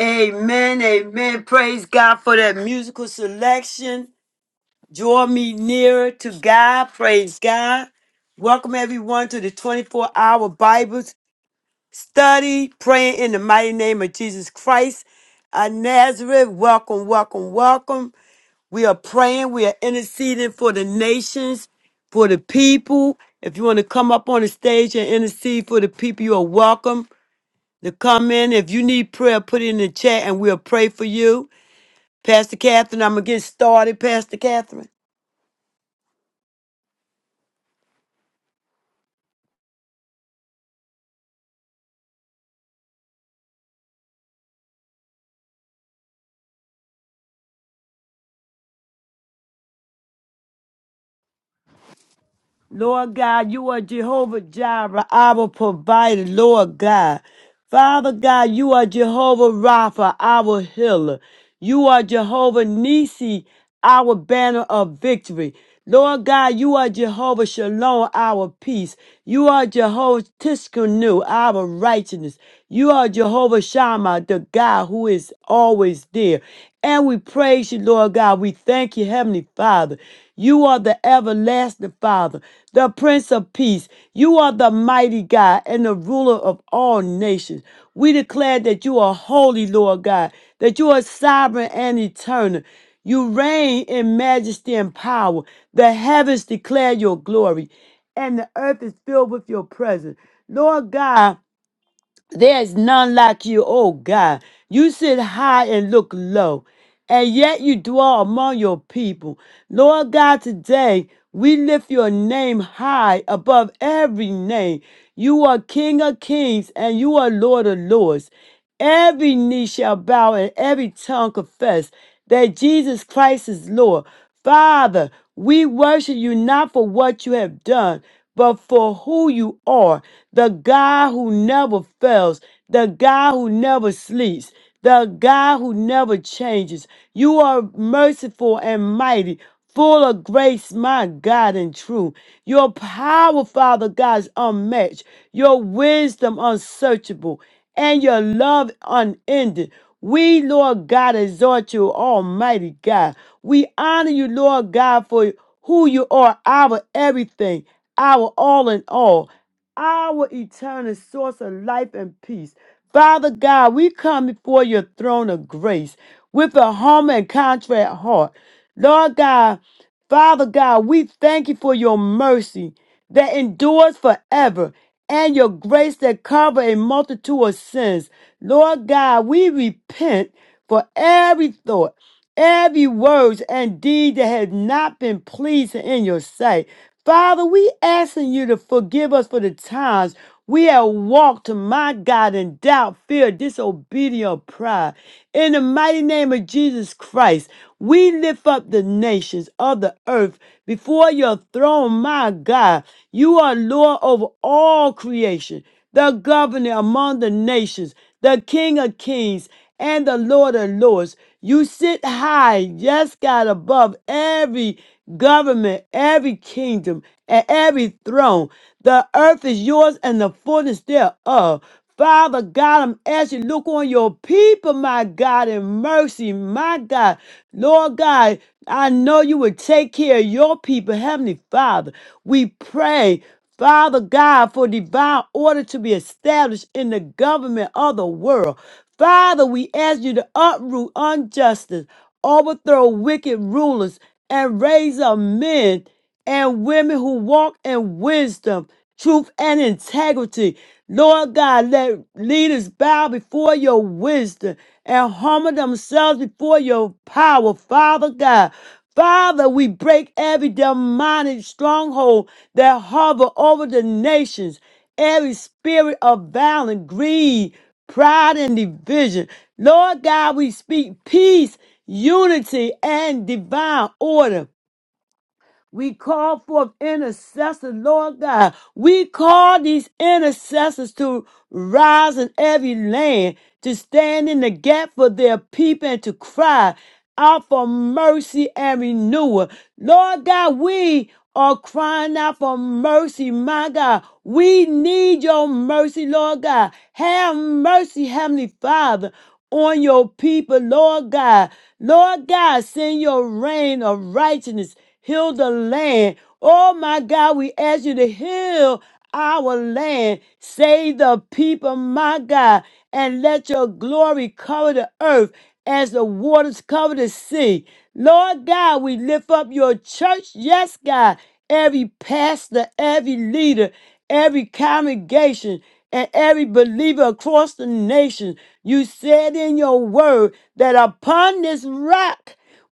Amen, amen. Praise God for that musical selection. Draw me nearer to God. Praise God. Welcome everyone to the 24 hour Bible study, praying in the mighty name of Jesus Christ. Uh, Nazareth, welcome, welcome, welcome. We are praying, we are interceding for the nations, for the people. If you want to come up on the stage and intercede for the people, you are welcome to come in. If you need prayer, put it in the chat and we'll pray for you. Pastor Catherine, I'm going to get started, Pastor Catherine. Lord God, you are Jehovah Jireh, our provider, Lord God. Father God, you are Jehovah Rapha, our healer. You are Jehovah Nisi, our banner of victory. Lord God, you are Jehovah Shalom, our peace. You are Jehovah Tiskanu, our righteousness. You are Jehovah Shammah, the God who is always there. And we praise you, Lord God. We thank you, Heavenly Father. You are the everlasting Father, the Prince of Peace. You are the mighty God and the ruler of all nations. We declare that you are holy, Lord God, that you are sovereign and eternal. You reign in majesty and power. The heavens declare your glory, and the earth is filled with your presence. Lord God, there is none like you, O God. You sit high and look low, and yet you dwell among your people. Lord God, today we lift your name high above every name. You are King of kings and you are Lord of lords. Every knee shall bow and every tongue confess that Jesus Christ is Lord. Father, we worship you not for what you have done, but for who you are the God who never fails, the God who never sleeps, the God who never changes. You are merciful and mighty. Full of grace, my God, and true. Your power, Father God, is unmatched. Your wisdom unsearchable and your love unending. We, Lord God, exhort you, Almighty God. We honor you, Lord God, for who you are, our everything, our all in all, our eternal source of life and peace. Father God, we come before your throne of grace with a humble and contrite heart. Lord God, Father God, we thank you for your mercy that endures forever and your grace that cover a multitude of sins. Lord God, we repent for every thought every word and deed that has not been pleasing in your sight. Father, we asking you to forgive us for the times we have walked my God in doubt, fear, disobedience, or pride. In the mighty name of Jesus Christ, we lift up the nations of the earth before your throne, my God. You are Lord over all creation the governor among the nations, the King of kings, and the Lord of lords. You sit high, yes, God, above every government, every kingdom, and every throne. The earth is yours and the fullness thereof. Father God, I'm asking you, look on your people, my God, in mercy, my God. Lord God, I know you would take care of your people, Heavenly Father. We pray. Father God, for divine order to be established in the government of the world. Father, we ask you to uproot injustice, overthrow wicked rulers, and raise up men and women who walk in wisdom truth, and integrity. Lord God, let leaders bow before your wisdom and humble themselves before your power, Father God. Father, we break every demonic stronghold that hover over the nations, every spirit of violence, greed, pride, and division. Lord God, we speak peace, unity, and divine order. We call forth intercessors, Lord God. We call these intercessors to rise in every land, to stand in the gap for their people and to cry out for mercy and renewal. Lord God, we are crying out for mercy, my God. We need your mercy, Lord God. Have mercy, Heavenly Father, on your people, Lord God. Lord God, send your rain of righteousness Heal the land. Oh my God, we ask you to heal our land. Save the people, my God, and let your glory cover the earth as the waters cover the sea. Lord God, we lift up your church. Yes, God. Every pastor, every leader, every congregation, and every believer across the nation. You said in your word that upon this rock,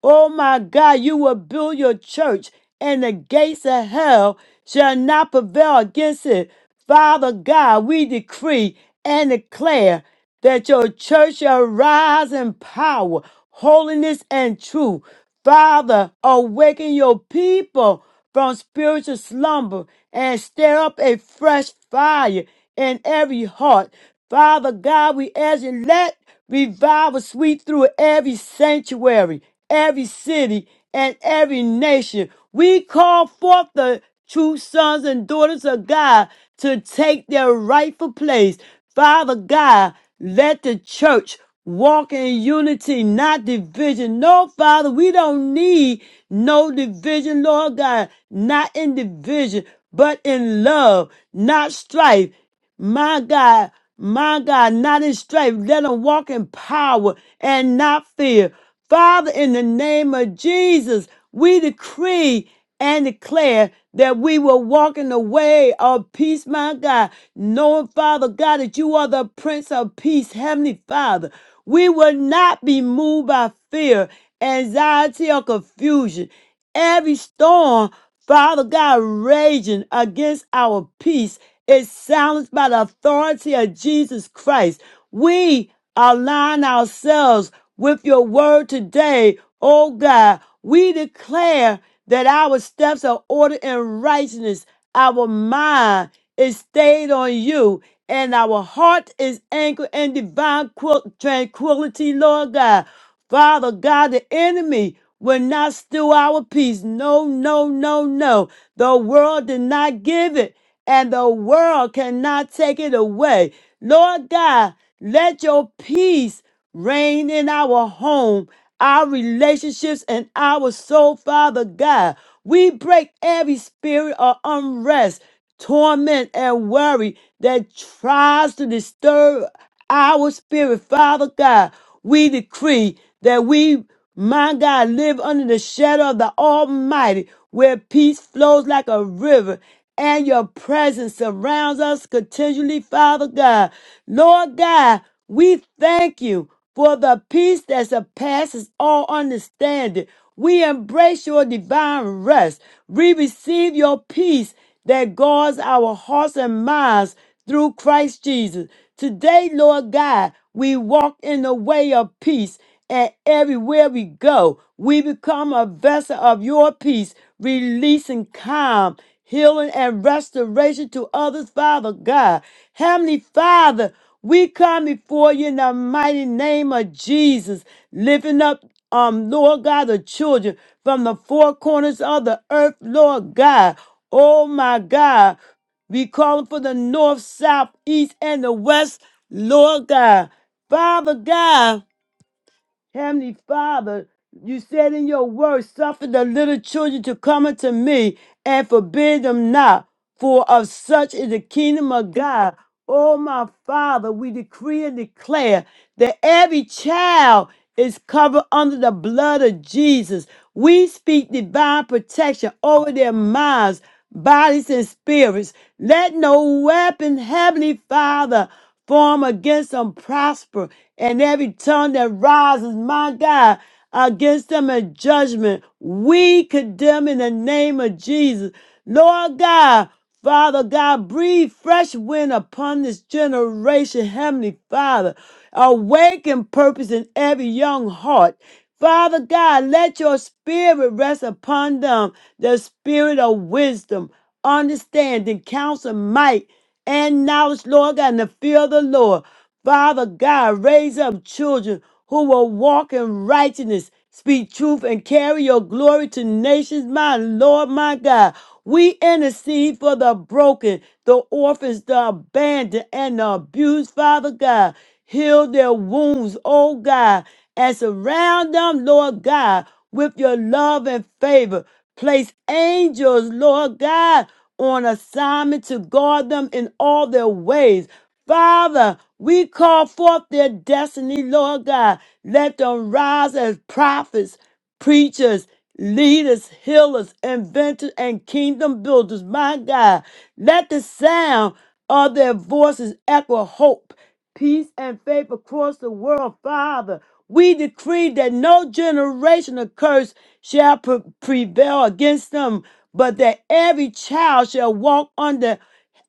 Oh my God, you will build your church, and the gates of hell shall not prevail against it. Father God, we decree and declare that your church shall rise in power, holiness, and truth. Father, awaken your people from spiritual slumber and stir up a fresh fire in every heart. Father God, we ask you, let revival sweep through every sanctuary, every city, and every nation. We call forth the true sons and daughters of God to take their rightful place. Father God, let the church walk in unity, not division. No, Father, we don't need no division, Lord God, not in division, but in love, not strife, my God, my God, not in strife. Let them walk in power and not fear. Father, in the name of Jesus, we decree and declare that we will walk in the way of peace, my God, knowing, Father God, that you are the Prince of Peace, Heavenly Father. We will not be moved by fear, anxiety, or confusion. Every storm, Father God, raging against our peace is silenced by the authority of Jesus Christ. We align ourselves with your word today, oh God. We declare that our steps are ordered in righteousness, our mind is stayed on you, and our heart is anchored in divine quil- tranquility, Lord God. Father God, the enemy will not steal our peace. No, no, no, no. The world did not give it and the world cannot take it away. Lord God, let your peace reign in our home, our relationships, and our soul, Father God. We break every spirit of unrest, torment, and worry that tries to disturb our spirit, Father God. We decree that we, my God, live under the shadow of the Almighty, where peace flows like a river and your presence surrounds us continually, Father God. Lord God, we thank you for the peace that surpasses all understanding. We embrace your divine rest. We receive your peace that guards our hearts and minds through Christ Jesus. Today, Lord God, we walk in the way of peace, and everywhere we go, we become a vessel of your peace, releasing calm healing and restoration to others, Father God. Heavenly Father, we come before you in the mighty name of Jesus, lifting up, um, Lord God, the children from the four corners of the earth, Lord God. Oh my God, we calling for the north, south, east, and the west, Lord God. Father God. Heavenly Father, you said in your word, suffer the little children to come unto me and forbid them not, for of such is the kingdom of God. Oh, my Father, we decree and declare that every child is covered under the blood of Jesus. We speak divine protection over their minds, bodies, and spirits. Let no weapon, Heavenly Father, form against them prosper, and every tongue that rises, my God, against them in judgment, we condemn in the name of Jesus. Lord God, Father God, breathe fresh wind upon this generation, Heavenly Father. Awaken purpose in every young heart. Father God, let your spirit rest upon them, the spirit of wisdom, understanding, counsel, might and knowledge, Lord God, and the fear of the Lord. Father God, raise up children who will walk in righteousness, speak truth, and carry your glory to nations, my Lord, my God. We intercede for the broken, the orphans, the abandoned, and the abused, Father God. Heal their wounds, oh God, and surround them, Lord God, with your love and favor. Place angels, Lord God, on assignment to guard them in all their ways. Father, we call forth their destiny, Lord God. Let them rise as prophets, preachers, leaders, healers, inventors, and kingdom builders. My God, let the sound of their voices echo hope, peace, and faith across the world, Father. We decree that no generational curse shall pre- prevail against them, but that every child shall walk under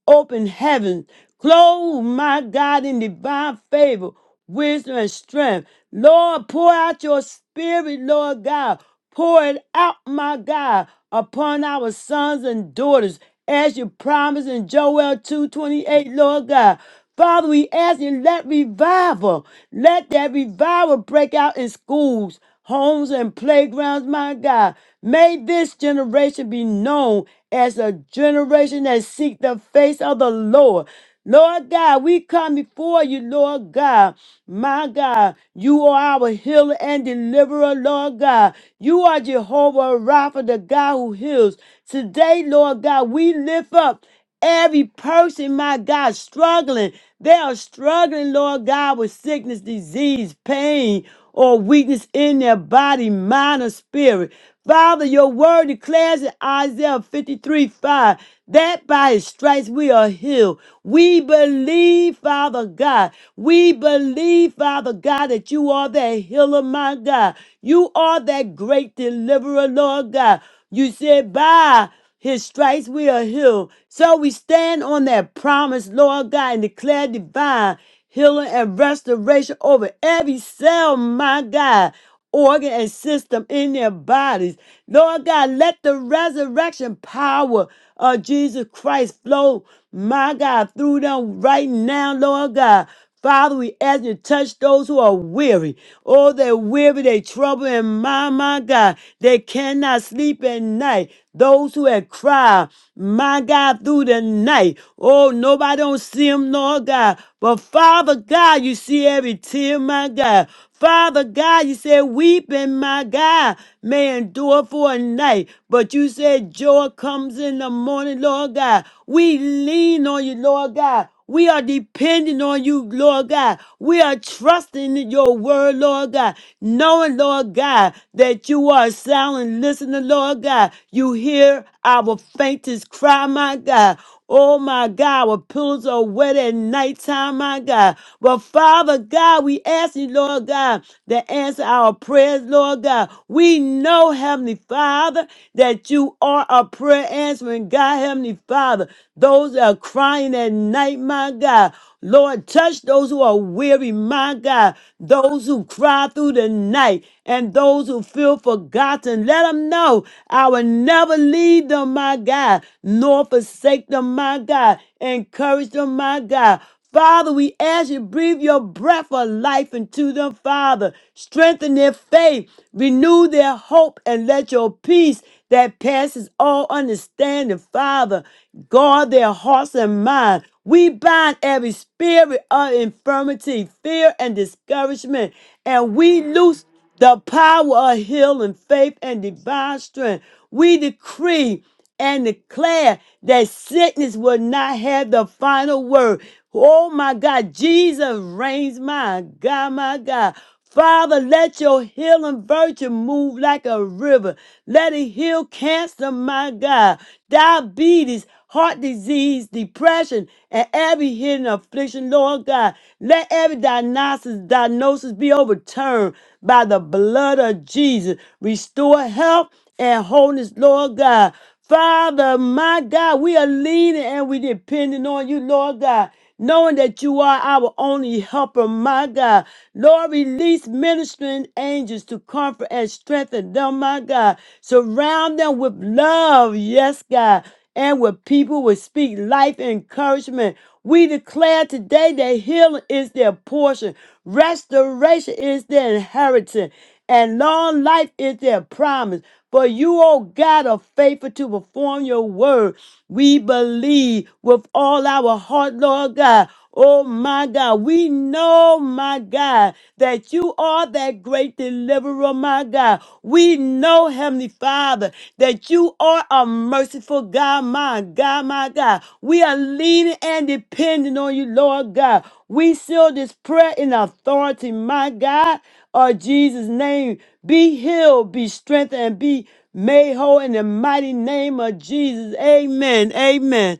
open heaven. Clothe my God in divine favor, wisdom, and strength. Lord, pour out your spirit, Lord God. Pour it out, my God, upon our sons and daughters, as you promised in Joel 2:28, Lord God. Father, we ask you, let revival, let that revival break out in schools homes and playgrounds, my God. May this generation be known as a generation that seek the face of the Lord. Lord God, we come before you, Lord God. My God, you are our healer and deliverer, Lord God. You are Jehovah Rapha, the God who heals. Today, Lord God, we lift up. Every person, my God, struggling. They are struggling, Lord God, with sickness, disease, pain, or weakness in their body, mind, or spirit. Father, your word declares in Isaiah 53 5 that by his stripes we are healed. We believe, Father God. We believe, Father God, that you are that healer, my God. You are that great deliverer, Lord God. You said, by his stripes we are healed. So we stand on that promise, Lord God, and declare divine healing and restoration over every cell, my God, organ and system in their bodies. Lord God, let the resurrection power of Jesus Christ flow, my God, through them right now, Lord God. Father, we ask you to touch those who are weary. Oh, they're weary, they trouble, and my, my God, they cannot sleep at night. Those who have cried, my God, through the night. Oh, nobody don't see them, Lord God. But Father God, you see every tear, my God. Father God, you said, weeping, my God, may endure for a night. But you said, joy comes in the morning, Lord God. We lean on you, Lord God. We are depending on you, Lord God. We are trusting in your word, Lord God, knowing, Lord God, that you are a silent listener, Lord God. You hear our faintest cry, my God. Oh my God, our pillows are wet at nighttime, my God. But Father God, we ask you, Lord God, to answer our prayers, Lord God. We know, Heavenly Father, that you are are a prayer answering God, Heavenly Father. Those that are crying at night, my God. Lord, touch those who are weary, my God. Those who cry through the night and those who feel forgotten. Let them know I will never leave them, my God, nor forsake them, my God. Encourage them, my God. Father, we ask you breathe your breath of life into them, Father. Strengthen their faith, renew their hope, and let your peace that passes all understanding, Father, guard their hearts and minds. We bind every spirit of infirmity, fear, and discouragement, and we loose the power of healing, faith, and divine strength. We decree and declare that sickness will not have the final word. Oh my God, Jesus reigns, my God, my God. Father, let your healing virtue move like a river. Let it heal cancer, my God, diabetes, heart disease, depression, and every hidden affliction, Lord God. Let every diagnosis, diagnosis be overturned by the blood of Jesus. Restore health and wholeness, Lord God. Father, my God, we are leaning and we depending on you, Lord God, knowing that you are our only helper, my God. Lord, release ministering angels to comfort and strengthen them, my God. Surround them with love, yes, God and where people will speak life and encouragement. We declare today that healing is their portion, restoration is their inheritance, and long life is their promise. For you, O God, are faithful to perform your word. We believe with all our heart, Lord God. Oh my God, we know, my God, that you are that great deliverer, my God. We know, Heavenly Father, that you are a merciful God, my God, my God. We are leaning and depending on you, Lord God. We seal this prayer in authority, my God, of Jesus' name. Be healed, be strengthened, and be made whole in the mighty name of Jesus. Amen. Amen.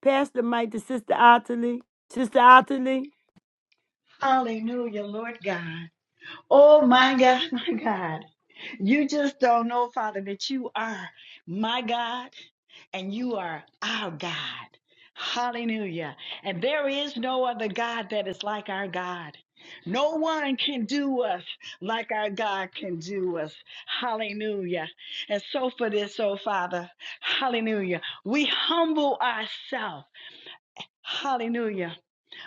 Pass the mic to Sister Ottilie. Sister Ottilie. Hallelujah, Lord God. Oh my God, my God. You just don't know, Father, that you are my God and you are our God. Hallelujah. And there is no other God that is like our God. No one can do us like our God can do us. Hallelujah. And so for this, oh Father, hallelujah, we humble ourselves. Hallelujah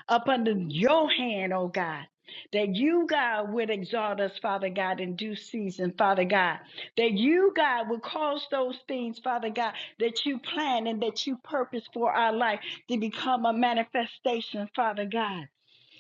up under your hand, oh God. That you, God, would exalt us, Father God, in due season, Father God. That you, God, would cause those things, Father God, that you plan and that you purpose for our life to become a manifestation, Father God.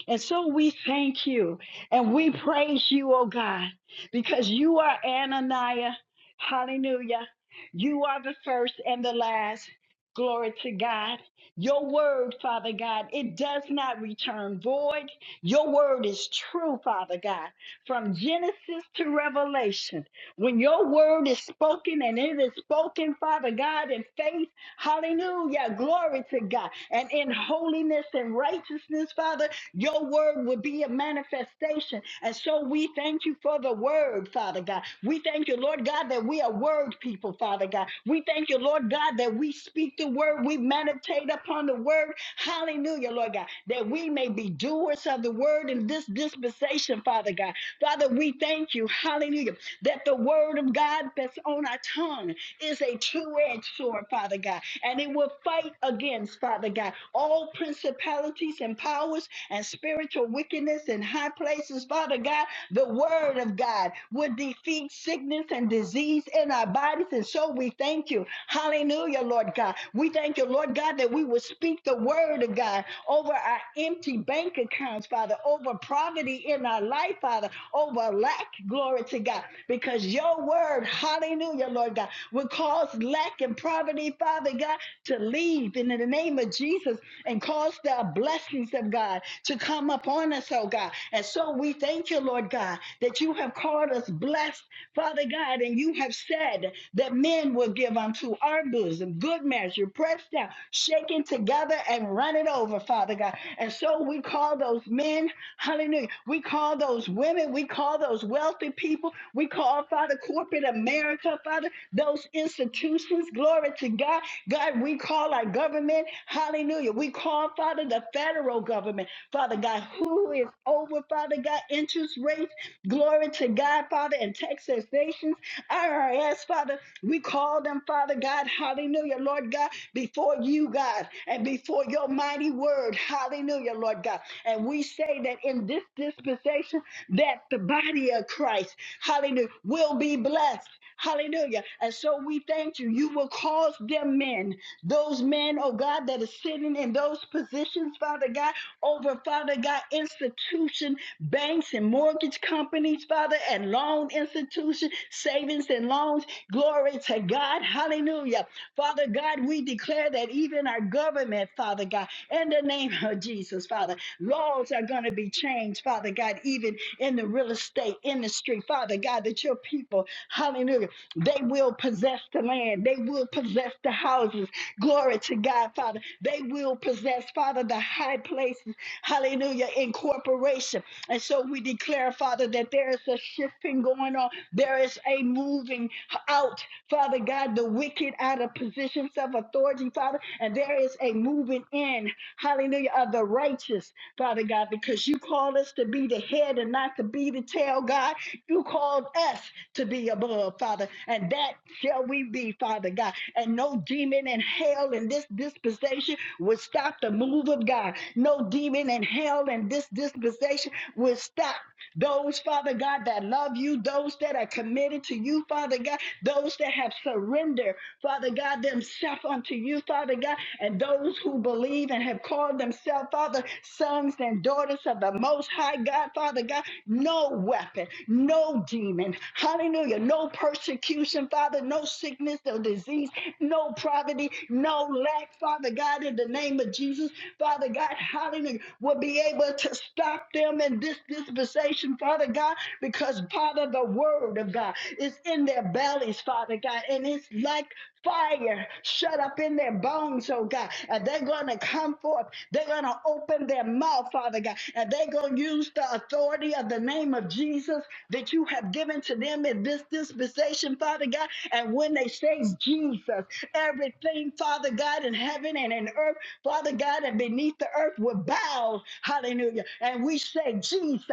And so we thank you and we praise you, oh God, because you are Ananiah. Hallelujah. You are the first and the last. Glory to God. Your word, Father God, it does not return void. Your word is true, Father God, from Genesis to Revelation. When your word is spoken and it is spoken, Father God, in faith, hallelujah, glory to God, and in holiness and righteousness, Father, your word would be a manifestation. And so we thank you for the word, Father God. We thank you, Lord God, that we are word people, Father God. We thank you, Lord God, that we speak the word, we meditate upon the word. Hallelujah, Lord God, that we may be doers of the word in this dispensation, Father God. Father, we thank you, hallelujah, that the word of God that's on our tongue is a two-edged sword, Father God and it will fight against, Father God, all principalities and powers and spiritual wickedness in high places, Father God. The word of God would defeat sickness and disease in our bodies. And so we thank you. Hallelujah, Lord God. We thank you, Lord God, that we will speak the word of God over our empty bank accounts, Father, over poverty in our life, Father, over lack. Glory to God. Because because your word, hallelujah, Lord God, will cause lack and poverty, Father God, to leave in the name of Jesus and cause the blessings of God to come upon us, oh God. And so we thank you, Lord God, that you have called us blessed, Father God, and you have said that men will give unto our bosom good measure, pressed down, shaken together, and run it over, Father God. And so we call those men, men. Hallelujah. We call those women, we call those wealthy people, we call, Father, corporate America, Father, those institutions. Glory to God. God, we call our government. Hallelujah. We call, Father, the federal government. Father God, who is over, Father God, interest rates. Glory to God, Father, and Texas nations. IRS, Father, we call them, Father God. Hallelujah, Lord God, before you you, God, and before your mighty word. Hallelujah, Lord God. And we say that in this dispensation, that the body of Christ, hallelujah, will be blessed. Hallelujah. And so we thank you. You will cause them men, those men, oh God, that are sitting in those positions, Father God, over, Father God, institution, banks and mortgage companies, Father, and loan institution, savings and loans. Glory to God. Hallelujah. Father God, we declare that even our government, Father God, in the name of Jesus, Father, laws are going to be changed, Father God, even in the real estate industry, Father God, that your people, hallelujah, they will possess the land, they will possess the houses. Glory to God, Father. They will possess, Father, the high places, hallelujah, in corporation. And so we declare, Father, that there is a shifting going on. There is a moving out, Father God, the wicked out of positions of authority, Father. And there is a moving in, hallelujah, of the righteous, Father God, because you called us to be the head and not to be the tail, God. You called us to be above, Father. And that shall we be, Father God. And no demon in hell in this dispensation would stop the move of God. No demon in hell in this dispensation will stop. Those, Father God, that love you, those that are committed to you, Father God, those that have surrendered, Father God, themselves unto you, Father God, and those who believe and have called themselves, Father, sons and daughters of the Most High God, Father God, no weapon, no demon, hallelujah, no persecution, Father, no sickness, no disease, no poverty, no lack, Father God, in the name of Jesus, Father God, hallelujah, will be able to stop them in in this dispensation, Father God, because, Father, the word of God is in their bellies, Father God, and it's like fire shut up in their bones, oh God. And they're going to come forth. They're going to open their mouth, Father God. And they're going to use the authority of the name of Jesus that you have given to them in this dispensation, Father God. And when they say Jesus, everything, Father God, in heaven and in earth, Father God, and beneath the earth will bow. Hallelujah. And we say, say Jesus,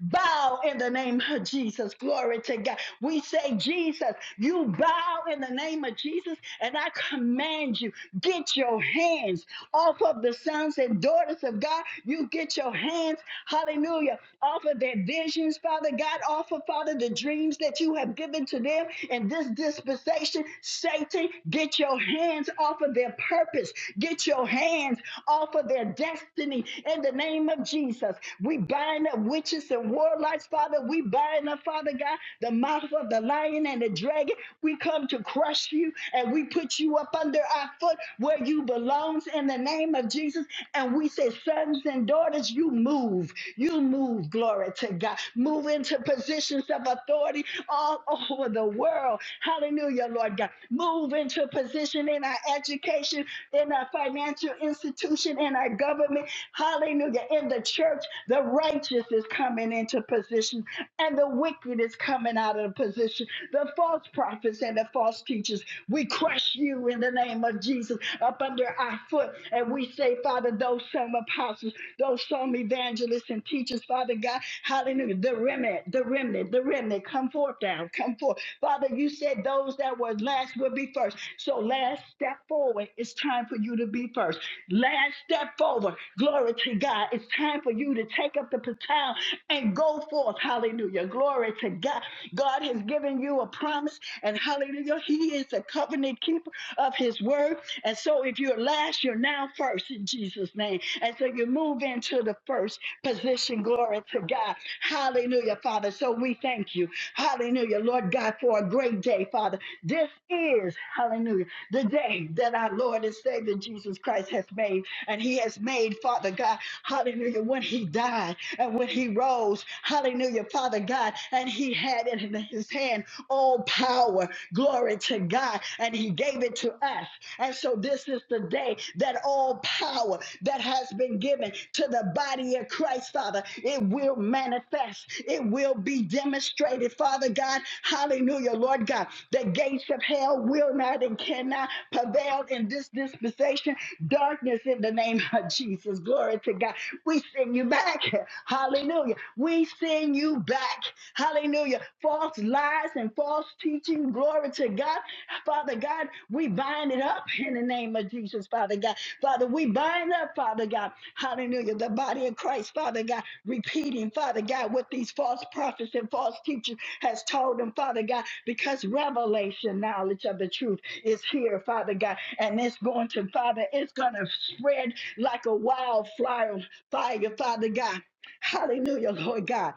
bow in the name of Jesus. Glory to God. We say Jesus, you bow in the name of Jesus, and I command you, get your hands off of the sons and daughters of God. You get your hands, hallelujah, off of their visions, Father God, off of Father the dreams that you have given to them in this dispensation. Satan, get your hands off of their purpose. Get your hands off of their destiny in the name of Jesus. We bind bind up witches and warlocks, Father. We bind up, Father God, the mouth of the lion and the dragon. We come to crush you and we put you up under our foot where you belongs in the name of Jesus. And we say, sons and daughters, you move. You move, glory to God. Move into positions of authority all over the world. Hallelujah, Lord God. Move into position in our education, in our financial institution, in our government. Hallelujah. In the church, the righteous is coming into position and the wicked is coming out of position. The false prophets and the false teachers, we crush you in the name of Jesus up under our foot. And we say, Father, those some apostles, those some evangelists and teachers, Father God, hallelujah, the remnant, the remnant, the remnant, come forth now, come forth. Father, you said those that were last will be first. So last step forward, it's time for you to be first. Last step forward, glory to God, it's time for you to take up up the baton and go forth. Hallelujah. Glory to God. God has given you a promise, and hallelujah, He is the covenant keeper of His word. And so, if you're last, you're now first in Jesus' name. And so, you move into the first position. Glory to God. Hallelujah, Father. So, we thank you. Hallelujah, Lord God, for a great day, Father. This is, hallelujah, the day that our Lord and Savior Jesus Christ has made. And He has made, Father God, hallelujah, when He died died. And when he rose, hallelujah, Father God, and he had it in his hand all power, glory to God, and he gave it to us. And so this is the day that all power that has been given to the body of Christ, Father, it will manifest. It will be demonstrated, Father God. Hallelujah, Lord God. The gates of hell will not and cannot prevail in this dispensation. Darkness in the name of Jesus. Glory to God. We send you back. Hallelujah. We send you back. Hallelujah. False lies and false teaching. Glory to God. Father God, we bind it up in the name of Jesus, Father God. Father, we bind up, Father God. Hallelujah. The body of Christ, Father God, repeating, Father God, what these false prophets and false teachers has told them, Father God, because revelation, knowledge of the truth is here, Father God. And it's going to, Father, it's going to spread like a wildfire, fire, Father God. Hallelujah, Lord God.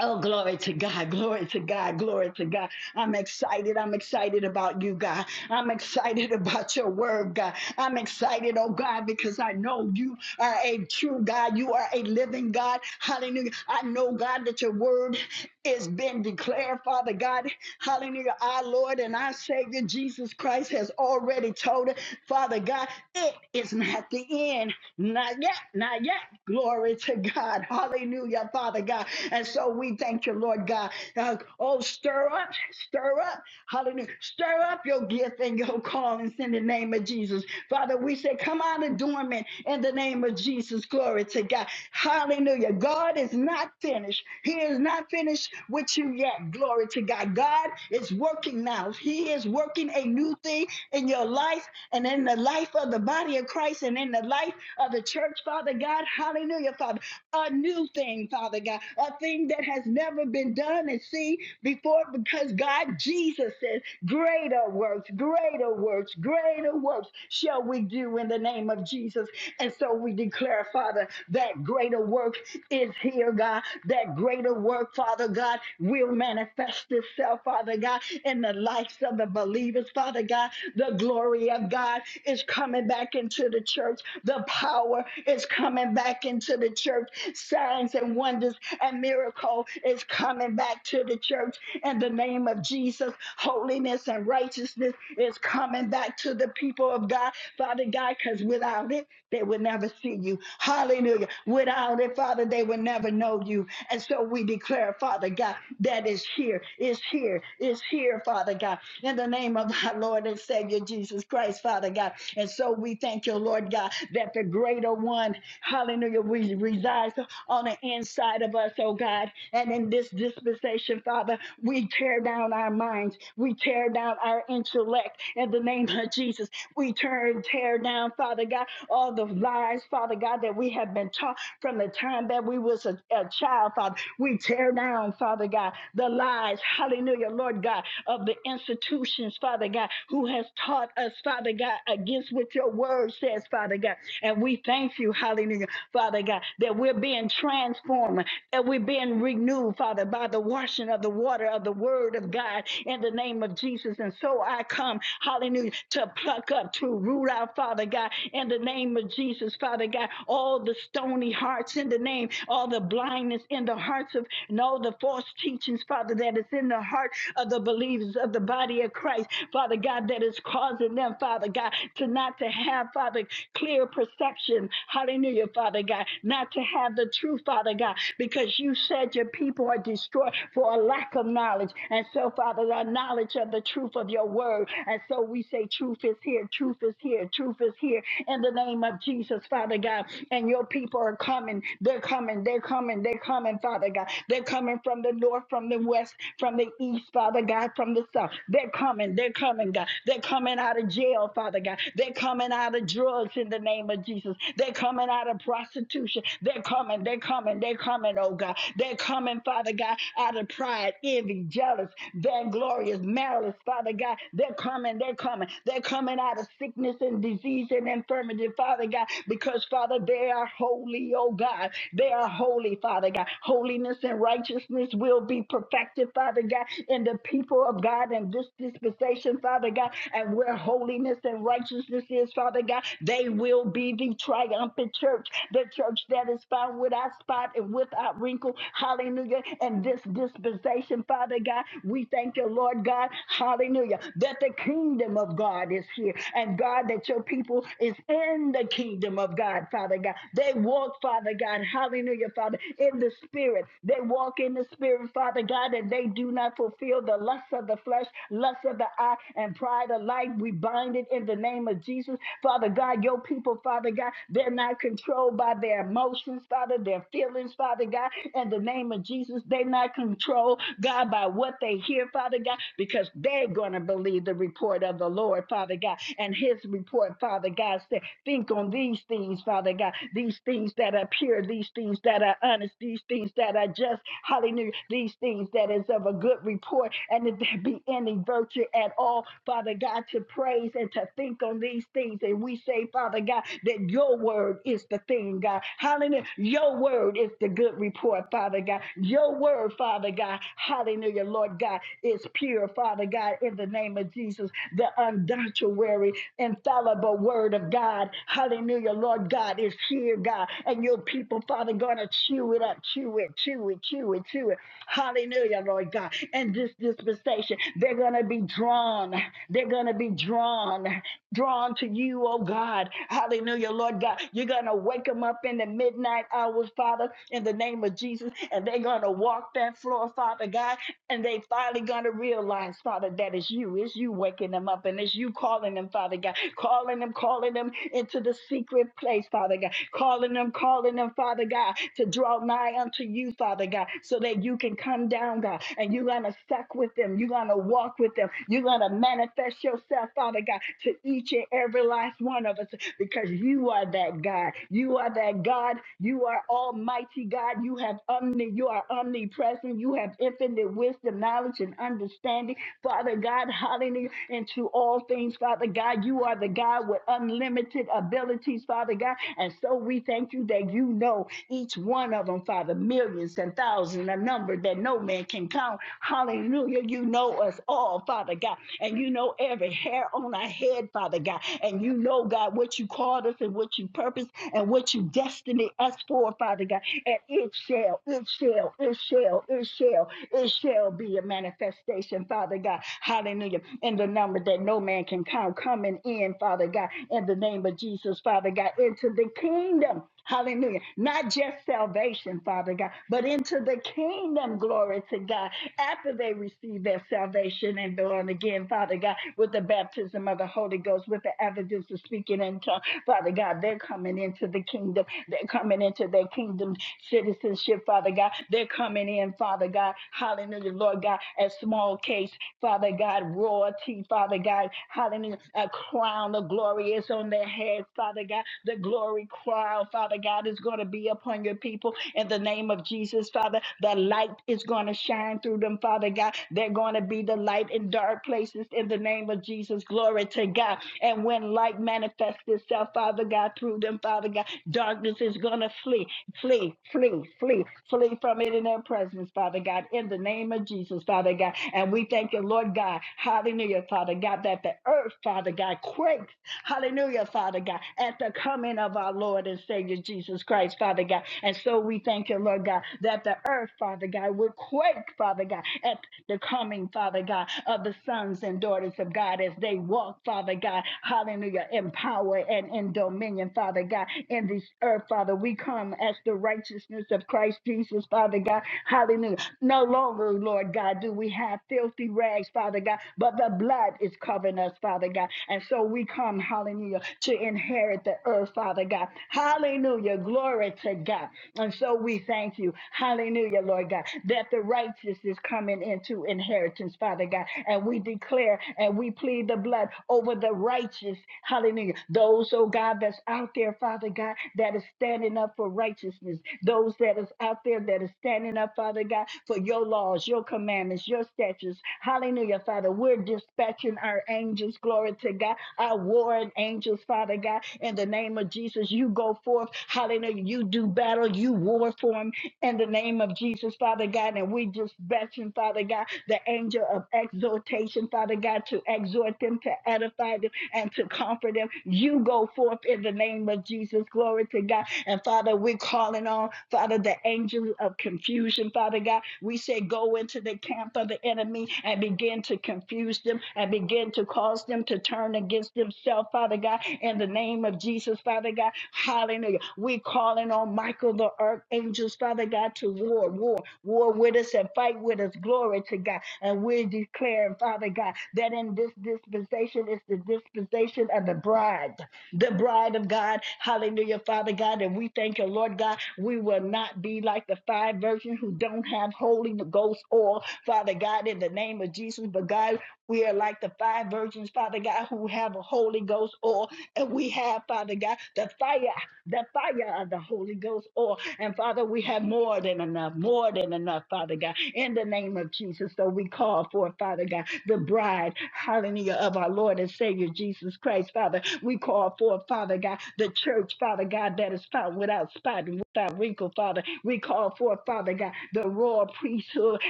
Oh, glory to God, glory to God, glory to God. I'm excited. I'm excited about you, God. I'm excited about your word, God. I'm excited, oh God, because I know you are a true God. You are a living God. Hallelujah. I know, God, that your word is been declared, Father God. Hallelujah. Our Lord and our Savior Jesus Christ has already told us, Father God, it is not the end. Not yet, not yet. Glory to God. Hallelujah, Father God. And so we thank you, Lord God. Uh, oh, stir up, stir up. Hallelujah. Stir up your gift and your callings in the name of Jesus. Father, we say, come out of dormant in the name of Jesus. Glory to God. Hallelujah. God is not finished. He is not finished with you yet. Glory to God. God is working now. He is working a new thing in your life and in the life of the body of Christ and in the life of the church, Father God. Hallelujah, Father. A new thing, Father God. A thing that has never been done and seen before because God, Jesus says, greater works, greater works, greater works shall we do in the name of Jesus. And so we declare, Father, that greater work is here, God. That greater work, Father God, will manifest itself, Father God, in the lives of the the believers, Father God. The glory of God is coming back into the church. The power is coming back into the church. Signs and wonders and miracle is coming back to the church in the name of Jesus. Holiness and righteousness is coming back to the people of God, Father God, because without it, they would never see you. Hallelujah. Without it, Father, they would never know you. And so we declare, Father God, that is here, is here is here is here, Father God, in the name of our Lord and Savior Jesus Christ, Father God. And so we thank you, Lord God, that the greater one, hallelujah, we resides on the inside of us, oh God. And in this dispensation, Father, we tear down our minds, we tear down our intellect in the name of Jesus. We turn, tear down, Father God, all the lies, Father God, that we have been taught from the time that we was a, a child, Father. We tear down, Father God, the the lies, hallelujah, Lord God, of the institutions, Father God, who has taught us, Father God, against what your word says, Father God. And we thank you, hallelujah, Father God, that we're being transformed and we're being renewed, Father, by the washing of the water of the word of God in the name of Jesus. And so I come, hallelujah, to pluck up, to root out, Father God, in the name of Jesus, Father God, all the stony hearts in the name, all the blindness in the hearts of no, the false teachings, Father, that is in the heart of the believers of the body of Christ, Father God, that is causing them, Father God, to not to have, Father, clear perception. Hallelujah, Father God, not to have the truth, Father God, because you said your people are destroyed for a lack of knowledge. And so, Father, our knowledge of the truth of your word. And so we say, truth is here, truth is here, truth is here. In the name of Jesus, Father God, and your people are coming. They're coming. They're coming coming. They're coming, Father God. They're coming from the north, from the west, from the east, Father God, from the south. They're coming. They're coming, God. They're coming out of jail, Father God. They're coming out of drugs in the name of Jesus. They're coming out of prostitution. They're coming. They're coming. They're coming, oh God. They're coming, Father God, out of pride, envy, jealous, vainglorious, malice, Father God. They're coming. They're coming. They're coming out of sickness and disease and infirmity, Father God, because, Father, they are holy, oh oh God. They are holy, Father God. Holiness and righteousness will be perfected, Father God, in the people of God and this dispensation, Father God. And where holiness and righteousness is, Father God, they will be the triumphant church, the church that is found without spot and without wrinkle. Hallelujah. And this dispensation, Father God, we thank you, Lord God. Hallelujah. That the kingdom of God is here. And God, that your people is in the kingdom of God. God, Father God. They walk, Father God, hallelujah, Father, in the Spirit. They walk in the Spirit, Father God, and they do not fulfill the lust of the flesh, lust of the eye, and pride of life. We bind it in the name of Jesus. Father God, your people, Father God, they're not controlled by their emotions, Father, their feelings, Father God, in the name of Jesus. They're not controlled, God, by what they hear, Father God, because they're going to believe the report of the Lord, Father God, and his report, Father God, said. Think on these things, Father God, these things that are pure, these things that are honest, these things that are just, hallelujah, these things that is of a good report, and if there be any virtue at all, Father God, to praise and to think on these things. And we say, Father God, that your word is the thing, God. Hallelujah. Your word is the good report, Father God. Your word, Father God, hallelujah, Lord God, is pure, Father God, in the name of Jesus, the undoctrinary infallible word of God. Hallelujah. Lord God is here, God. And your people, Father, gonna chew it up, chew it, chew it, chew it, chew it. Hallelujah, Lord God. And this dispensation, they're gonna be drawn. They're gonna be drawn, drawn to you, oh God. Hallelujah, Lord God. You're gonna wake them up in the midnight hours, Father, in the name of Jesus, and they're gonna walk that floor, Father God, and they finally gonna realize, Father, that it's you, it's you waking them up something. It's you calling them, Father God, calling them, calling them into the secret place, Father God, calling them, calling them, Father God, to draw nigh unto you, Father God, so that you can come down, God, and you're going to suck with them. You're going to walk with them. You're going to manifest yourself, Father God, to each and every last one of us because you are that God. You are that God. You are Almighty God. You have omni. You are omnipresent. You have infinite wisdom, knowledge, and understanding. Father God. God. Hallelujah. And to all things, Father God, you are the God with unlimited abilities, Father God. And so we thank you that you know each one of them, Father, millions and thousands, a number that no man can count. Hallelujah. You know us all, Father God. And you know every hair on our head, Father God. And you know, God, what you called us and what you purposed and what you destined us for, Father God. And it shall, it shall, it shall, it shall, it shall be a manifestation manifestation, Father God. Hallelujah. In the number that no man can count, coming in, Father God, in the name of Jesus, Father God, into the kingdom. Hallelujah. Not just salvation, Father God, but into the kingdom, glory to God. After they receive their salvation and born again, Father God, with the baptism of the Holy Ghost, with the evidence of speaking in tongues, Father God, they're coming into the kingdom. They're coming into their kingdom citizenship, Father God. They're coming in, Father God. Hallelujah, Lord God, a small case, Father God, royalty, Father God, hallelujah, a crown of glory is on their heads, Father God. The glory crown, Father God, is going to be upon your people in the name of Jesus, Father. The light is going to shine through them, Father God. They're going to be the light in dark places in the name of Jesus. Glory to God. And when light manifests itself, Father God, through them, Father God, darkness is going to flee, flee, flee, flee, flee from it sit in their presence, Father God, in the name of Jesus, Father God. And we thank you, Lord God, hallelujah, Father God, that the earth, Father God, quakes, hallelujah, Father God, at the coming of our Lord and Savior Jesus Christ, Father God. And so we thank you, Lord God, that the earth, Father God, will quake, Father God, at the coming, Father God, of the sons and daughters of God as they walk, Father God, hallelujah, in power and in dominion, Father God, in this earth, Father. We come as the righteous righteousness of Christ Jesus, Father God. Hallelujah. No longer, Lord God, do we have filthy rags, Father God, but the blood is covering us, Father God. And so we come, hallelujah, to inherit the earth, Father God. Hallelujah. Glory to God. And so we thank you, hallelujah, Lord God, that the righteous is coming into inheritance, Father God. And we declare and we plead the blood over the righteous, hallelujah. Those, oh God, that's out there, Father God, that is standing standing up for righteousness, those that is out there that is standing up, Father God, for your laws, your commandments, your statutes. Hallelujah, Father. We're dispatching our angels, glory to God, our warring angels, Father God, in the name of Jesus. You go forth, hallelujah. You do battle, you war for them in the name of Jesus, Father God. And we dispatching, Father God, the angel of exhortation, Father God, to exhort them, to edify them, and to comfort them. You go forth in the name of Jesus. Glory to God. And Father, we're calling on, Father, the angels of confusion, Father God. We say, go into the camp of the enemy and begin to confuse them and begin to cause them to turn against themselves, Father God, in the name of Jesus, Father God. Hallelujah. We're calling on Michael the archangels, Father God, to war, war, war with us and fight with us. Glory to God. And we're declaring, Father God, that in this dispensation is the dispensation of the bride the bride of God. Hallelujah, Father God. And we thank you, Lord God. We will not be like the five virgins who don't have Holy Ghost oil, Father God, in the name of Jesus. But God, we are like the five virgins, Father God, who have a Holy Ghost oil. And we have, Father God, the fire the fire of the Holy Ghost. Or, and Father, we have more than enough, more than enough, Father God, in the name of Jesus. So we call for, Father God, the bride, hallelujah, of our Lord and Savior Jesus Christ, Father. We call for, Father God, the church, Father God, that is found without spot and without wrinkle, Father. We call for, Father God, the royal priesthood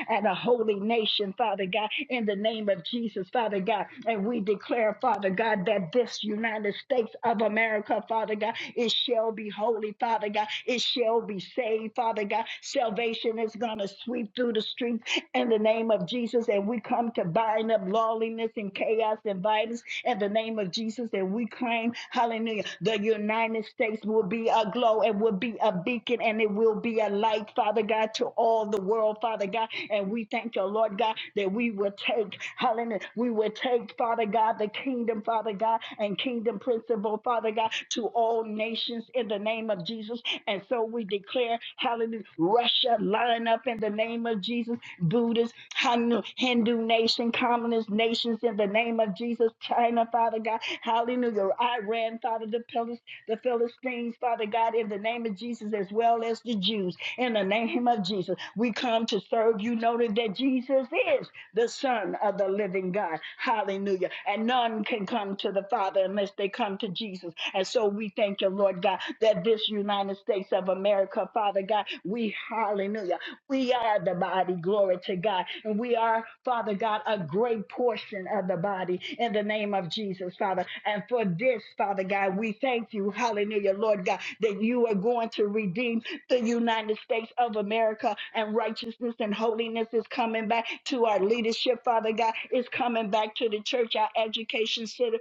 and a holy nation, Father God, in the name of Jesus, Father God. And we declare, Father God, that this this United States of America, Father God. It shall be holy, Father God. It shall be saved, Father God. Salvation is going to sweep through the streets in the name of Jesus. And we come to bind up lawlessness and chaos and violence in the name of Jesus. And we claim, hallelujah, the United States will be a glow and will be a beacon and it will be a light, Father God, to all the world, Father God. And we thank you, Lord God, that we will take, Hallelujah. We would take, Father God, the kingdom, Father God, and kingdom principle, Father God, to all nations in the name of Jesus. And so we declare, hallelujah, Russia line up in the name of Jesus, Buddhists, Hin- Hindu nation, communist nations in the name of Jesus, China, Father God, hallelujah, Iran, Father, the, Philist, the Philistines, Father God, in the name of Jesus, as well as the Jews, in the name of Jesus. We come to serve you, noting that Jesus is the Son of the living God. Hallelujah. And none can come to the Father unless they come to Jesus. And so we thank you, Lord God, that this United States of America, Father God, we, hallelujah, we are the body, glory to God. And we are, Father God, a great portion of the body in the name of Jesus, Father. And for this, Father God, we thank you, hallelujah, Lord God, that you are going to redeem the United States of America and righteousness and holiness is coming back to our leadership, Father God. It's coming back to the church, our education sy-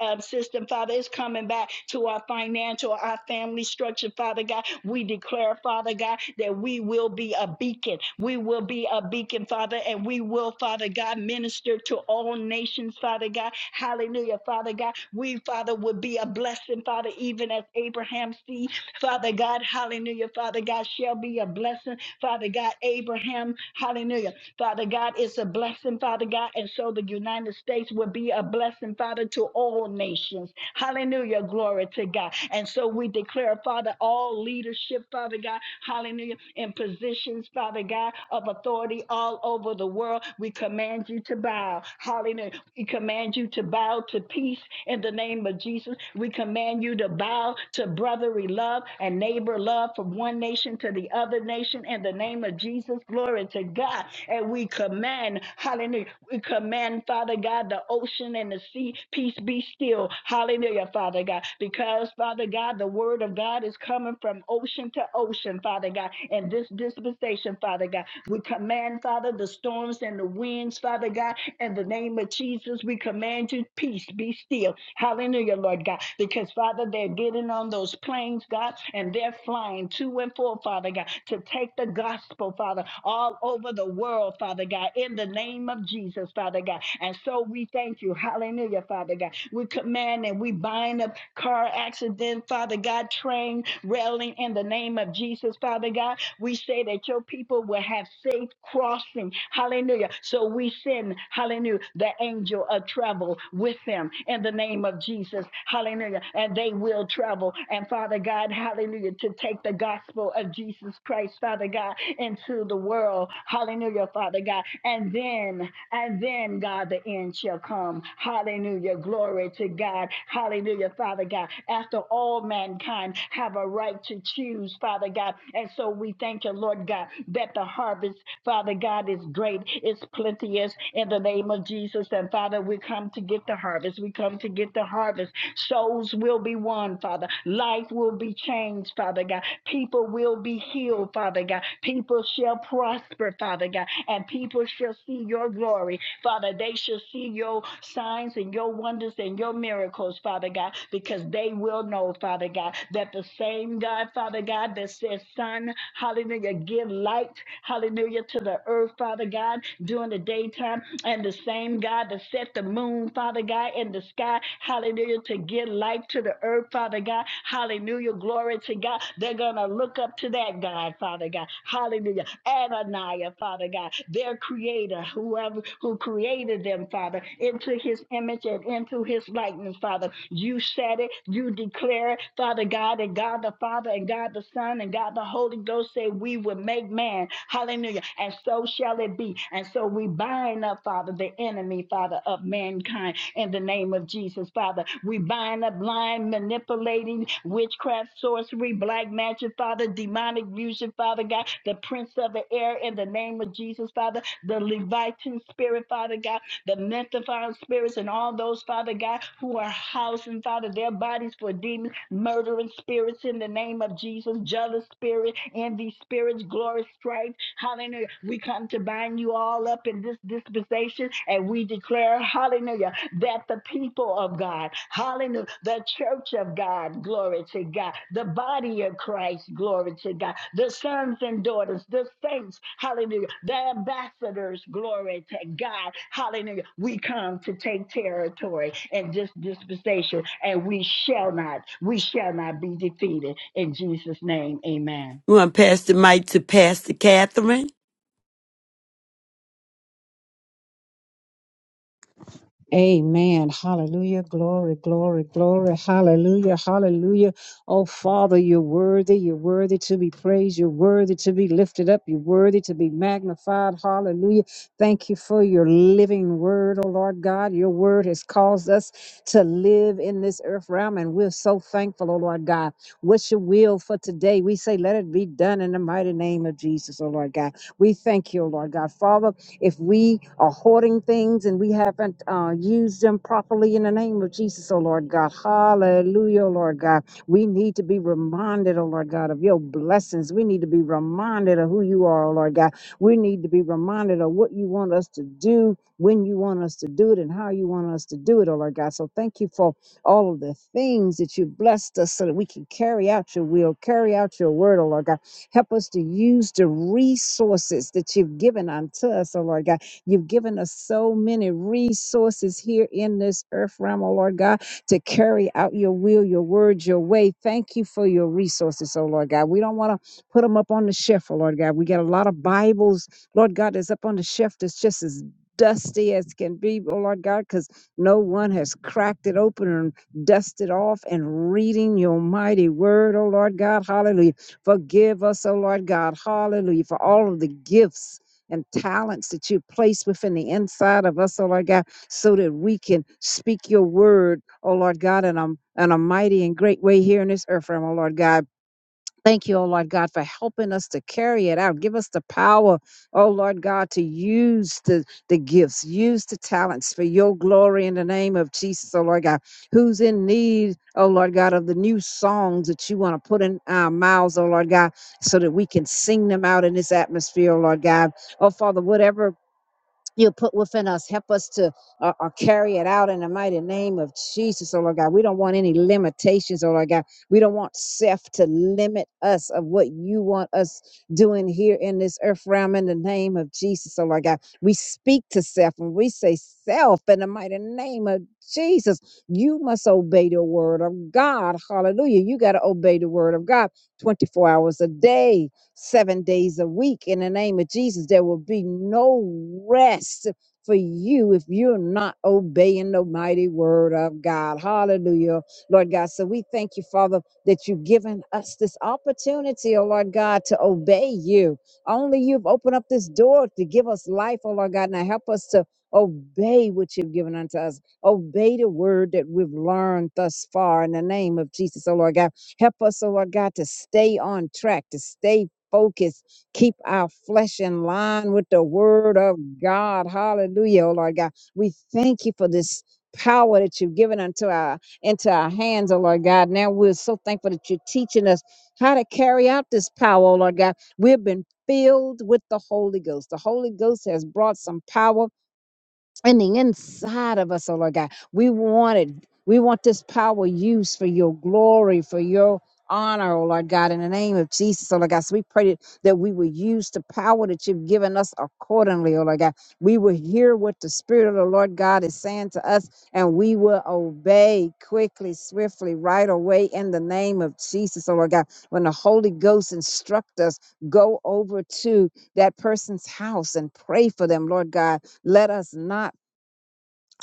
um, system, Father. It's coming back to our financial, our family structure, Father God. We declare, Father God, that we will be a beacon. We will be a beacon, Father, and we will, Father God, minister to all nations, Father God. Hallelujah, Father God. We, Father, would be a blessing, Father, even as Abraham's seed Father God, hallelujah. Father God, shall be a blessing. Father God, Abraham, hallelujah. Father God, it's a blessing, Father God. And so the United States will be a blessing, Father, to all nations. Hallelujah. Glory to God. And so we declare, Father, all leadership, Father God, hallelujah, in positions, Father God, of authority all over the world. We command you to bow. Hallelujah. We command you to bow to peace in the name of Jesus. We command you to to bow to brotherly love and neighbor love from one nation to the other nation in the name of Jesus. Glory to God. And we command, hallelujah, we command, Father God, the ocean and the sea, peace be still. Hallelujah, Father God. Because, Father God, the word of God is coming from ocean to ocean, Father God. And this dispensation, Father God, we command, Father, the storms and the winds, Father God, in the name of Jesus, we command you, peace be still. Hallelujah. Hallelujah, Lord God. Because, Father, they're getting on those planes, God, and they're flying to and fro, Father God, to take the gospel, Father, all over the world, Father God, in the name of Jesus, Father God. And so we thank you. Hallelujah, Father God. We command and we bind up car accident, Father God, train railing in the name of Jesus, Father God. We say that your people will have safe crossing. Hallelujah. So we send, hallelujah, the angel of travel with with them in the name of Jesus. Hallelujah. And they will travel. And Father God, hallelujah, to take the gospel of Jesus Christ, Father God, into the world. Hallelujah, Father God. And then, and then, God, the end shall come. Hallelujah. Glory to God. Hallelujah, Father God. After all mankind have a right to choose, Father God. And so we thank you, Lord God, that the harvest, Father God, is great, is plenteous in the name of Jesus. And Father, we come to get the harvest. We come to get the harvest. Souls will be won, Father. Life will be changed, Father God. People will be healed, Father God. People shall prosper, Father God. And people shall see your glory, Father. They shall see your signs and your wonders and your miracles, Father God, because they will know, Father God, that the same God, Father God, that says, Son, hallelujah, give light, hallelujah, to the earth, Father God, during the daytime, and the same God that set the moon, Father God, in the sky, hallelujah, to give life to the earth, Father God, hallelujah, glory to God. They're going to look up to that God, Father God, hallelujah. Adonijah, Father God, their creator, whoever who created them, Father, into his image and into his likeness, Father. You said it, you declare it, Father God, and God the Father, and God the Son, and God the Holy Ghost say, We will make man, hallelujah. And so so shall it be. And so we bind up, Father, the enemy, Father, of mankind in the name of Jesus, Father. We bind up lying, manipulating, witchcraft, sorcery, black magic, Father, demonic music, Father God, the prince of the air in the name of Jesus, Father, the Levitan spirit, Father God, the Methaphile spirits, and all those, Father God, who are housing, Father, their bodies for demons, murdering spirits in the name of Jesus, jealous spirit, envy spirits, glory stripes. Hallelujah. We come to bind you all up in this dispensation and we declare, hallelujah, that the people of God, hallelujah, the church of God, glory to God, the body of Christ, glory to God, the sons and daughters, the saints, hallelujah, the ambassadors, glory to God, hallelujah. We come to take territory in this dispensation and we shall not, we shall not be defeated. In Jesus' name, amen. We want to pass the mic to Pastor Catherine. Amen. Hallelujah. Glory, glory, glory. Hallelujah. Hallelujah. Oh, Father, you're worthy. You're worthy to be praised. You're worthy to be lifted up. You're worthy to be magnified. Hallelujah. Thank you for your living word, oh Lord God. Your word has caused us to live in this earth realm, and we're so thankful, oh Lord God. What's your will for today? We say, let it be done in the mighty name of Jesus, oh Lord God. We thank you, oh Lord God. Father, if we are hoarding things and we haven't uh, used them properly in the name of Jesus, oh Lord God, hallelujah, oh Lord God, we need to be reminded, oh Lord God, of your blessings. We need to be reminded of who you are, oh Lord God. We need to be reminded of what you want us to do, when you want us to do it, and how you want us to do it, oh Lord God. So thank you for all of the things that you blessed us so that we can carry out your will, carry out your word, oh Lord God. Help us to use the resources that you've given unto us, oh Lord God. You've given us so many resources here in this earth realm, oh Lord God, to carry out your will, your word, your way. Thank you for your resources, oh Lord God. We don't want to put them up on the shelf, oh Lord God. We got a lot of Bibles, Lord God, that's up on the shelf that's just as dusty as can be, oh Lord God, because no one has cracked it open and dusted off and reading your mighty word, oh Lord God. Hallelujah. Forgive us, O Lord God. Hallelujah. For all of the gifts and talents that you place within the inside of us, O Lord God, so that we can speak your word, O Lord God, in a, in a mighty and great way here in this earth realm, O Lord God. Thank you, oh Lord God, for helping us to carry it out. Give us the power, oh Lord God, to use the, the gifts, use the talents for your glory in the name of Jesus, oh Lord God. Who's in need, oh Lord God, of the new songs that you want to put in our mouths, oh Lord God, so that we can sing them out in this atmosphere, oh Lord God. Oh Father, whatever you put within us. Help us to uh, uh, carry it out in the mighty name of Jesus, oh Lord God. We don't want any limitations, oh Lord God. We don't want self to limit us of what you want us doing here in this earth realm in the name of Jesus, oh Lord God. We speak to self and we say, Self, in the mighty name of Jesus, you must obey the word of God. Hallelujah. You got to obey the word of God 24 hours a day seven days a week. In the name of Jesus, there will be no rest for you if you're not obeying the mighty word of God. Hallelujah, Lord God. So we thank you, Father, that you've given us this opportunity, oh Lord God, to obey you. Only you've opened up this door to give us life, oh Lord God. Now help us to obey what you've given unto us. Obey the word that we've learned thus far in the name of Jesus, oh Lord God. Help us, oh Lord God, to stay on track, to stay focus, keep our flesh in line with the word of God. Hallelujah, oh Lord God. We thank you for this power that you've given unto our into our hands, oh Lord God. Now we're so thankful that you're teaching us how to carry out this power, oh Lord God. We've been filled with the Holy Ghost. The Holy Ghost has brought some power in the inside of us, oh Lord God. We want it. We want this power used for your glory, for your honor, oh Lord God, in the name of Jesus, oh Lord God. So we pray that that we will use the power that you've given us accordingly, oh Lord God. We will hear what the Spirit of the Lord God is saying to us, and we will obey quickly, swiftly, right away in the name of Jesus, oh Lord God. When the Holy Ghost instruct us, go over to that person's house and pray for them, Lord God. Let us not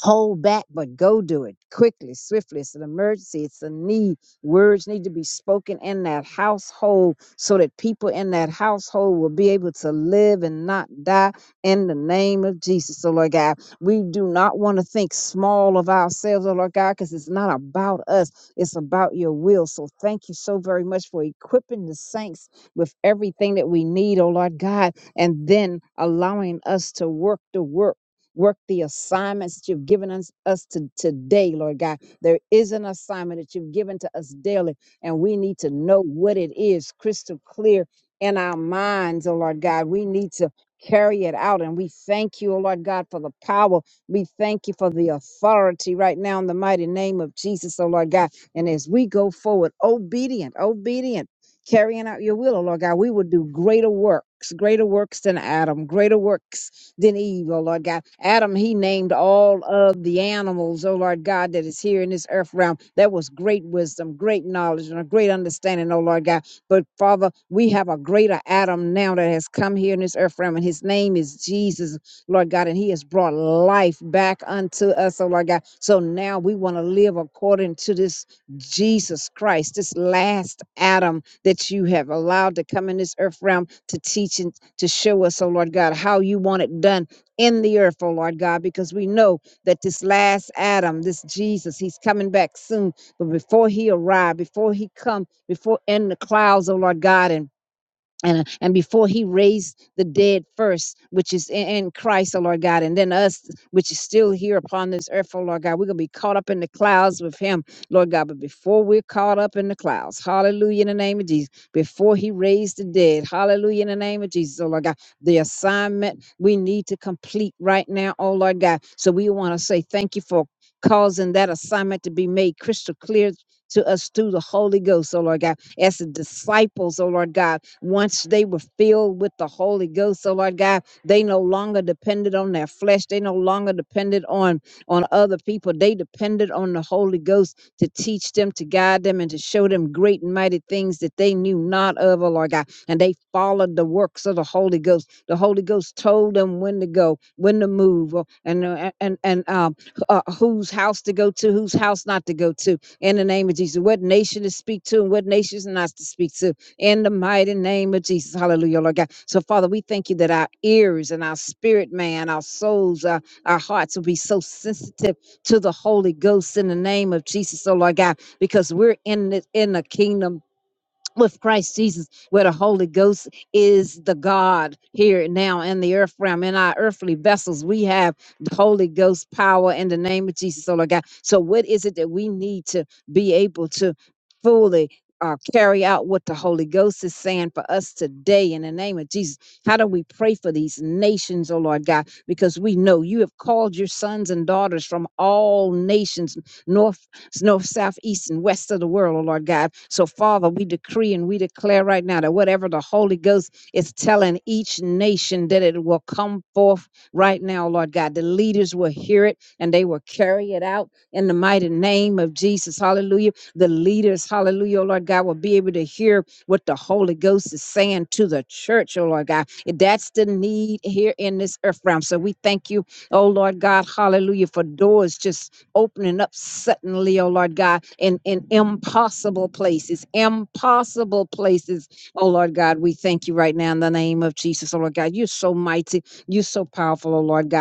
hold back, but go do it quickly, swiftly. It's an emergency, it's a need. Words need to be spoken in that household so that people in that household will be able to live and not die in the name of Jesus. So, Lord God, we do not want to think small of ourselves, oh Lord God, because it's not about us, it's about your will. So, thank you so very much for equipping the saints with everything that we need, oh Lord God, and then allowing us to work the work work the assignments that you've given us, us to today, Lord God. There is an assignment that you've given to us daily, and we need to know what it is crystal clear in our minds, oh Lord God. We need to carry it out, and we thank you, oh Lord God, for the power. We thank you for the authority right now in the mighty name of Jesus, oh Lord God. And as we go forward, obedient, obedient. Carrying out your will, oh Lord God, we will do greater works, greater works than Adam, greater works than Eve, oh Lord God. Adam, he named all of the animals, oh Lord God, that is here in this earth realm. That was great wisdom, great knowledge, and a great understanding, oh Lord God. But Father, we have a greater Adam now that has come here in this earth realm, and his name is Jesus, Lord God, and he has brought life back unto us, oh Lord God. So now we want to live according to this Jesus Christ, this last Adam that you have allowed to come in this earth realm to teach and to show us, oh Lord God, how you want it done in the earth, oh Lord God, because we know that this last Adam, this Jesus, he's coming back soon. But before he arrived, before he come, before in the clouds, oh Lord God, and and and before he raised the dead first which is in, in christ oh lord god and then us which is still here upon this earth oh lord god we're gonna be caught up in the clouds with him lord god but before we're caught up in the clouds hallelujah in the name of jesus before he raised the dead hallelujah in the name of jesus oh lord god the assignment we need to complete right now oh lord god so we want to say thank you for causing that assignment to be made crystal clear to us through the Holy Ghost, oh Lord God, as the disciples, oh Lord God, once they were filled with the Holy Ghost, so Lord God, they no longer depended on their flesh. They no longer depended on on other people. They depended on the Holy Ghost to teach them, to guide them, and to show them great and mighty things that they knew not of, oh Lord God. And they followed the works of the Holy Ghost. The Holy Ghost told them when to go, when to move, oh, and uh, and and um, uh, whose house to go to, whose house not to go to. In the name of Jesus, what nation to speak to and what nations not to speak to in the mighty name of Jesus. Hallelujah, Lord God. So, Father, we thank you that our ears and our spirit, man, our souls, our, our hearts will be so sensitive to the Holy Ghost in the name of Jesus, oh Lord God, because we're in the, in the kingdom with Christ Jesus, where the Holy Ghost is the God here and now in the earth realm. In our earthly vessels, we have the Holy Ghost power in the name of Jesus, oh Lord God. So, what is it that we need to be able to fully? Uh, carry out what the Holy Ghost is saying for us today in the name of Jesus. How do we pray for these nations, oh Lord God? Because we know you have called your sons and daughters from all nations, north s- north, south, east, and west of the world, oh Lord God. So, Father, we decree and we declare right now that whatever the Holy Ghost is telling each nation, that it will come forth right now, oh, Lord God. The leaders will hear it and they will carry it out in the mighty name of Jesus. Hallelujah. The leaders, hallelujah, oh Lord God, will be able to hear what the Holy Ghost is saying to the church, oh Lord God. That's the need here in this earth realm. So we thank you, oh Lord God, hallelujah, for doors just opening up suddenly, oh Lord God, in, in impossible places, impossible places. Oh Lord God, we thank you right now in the name of Jesus, oh Lord God. You're so mighty, you're so powerful, oh Lord God.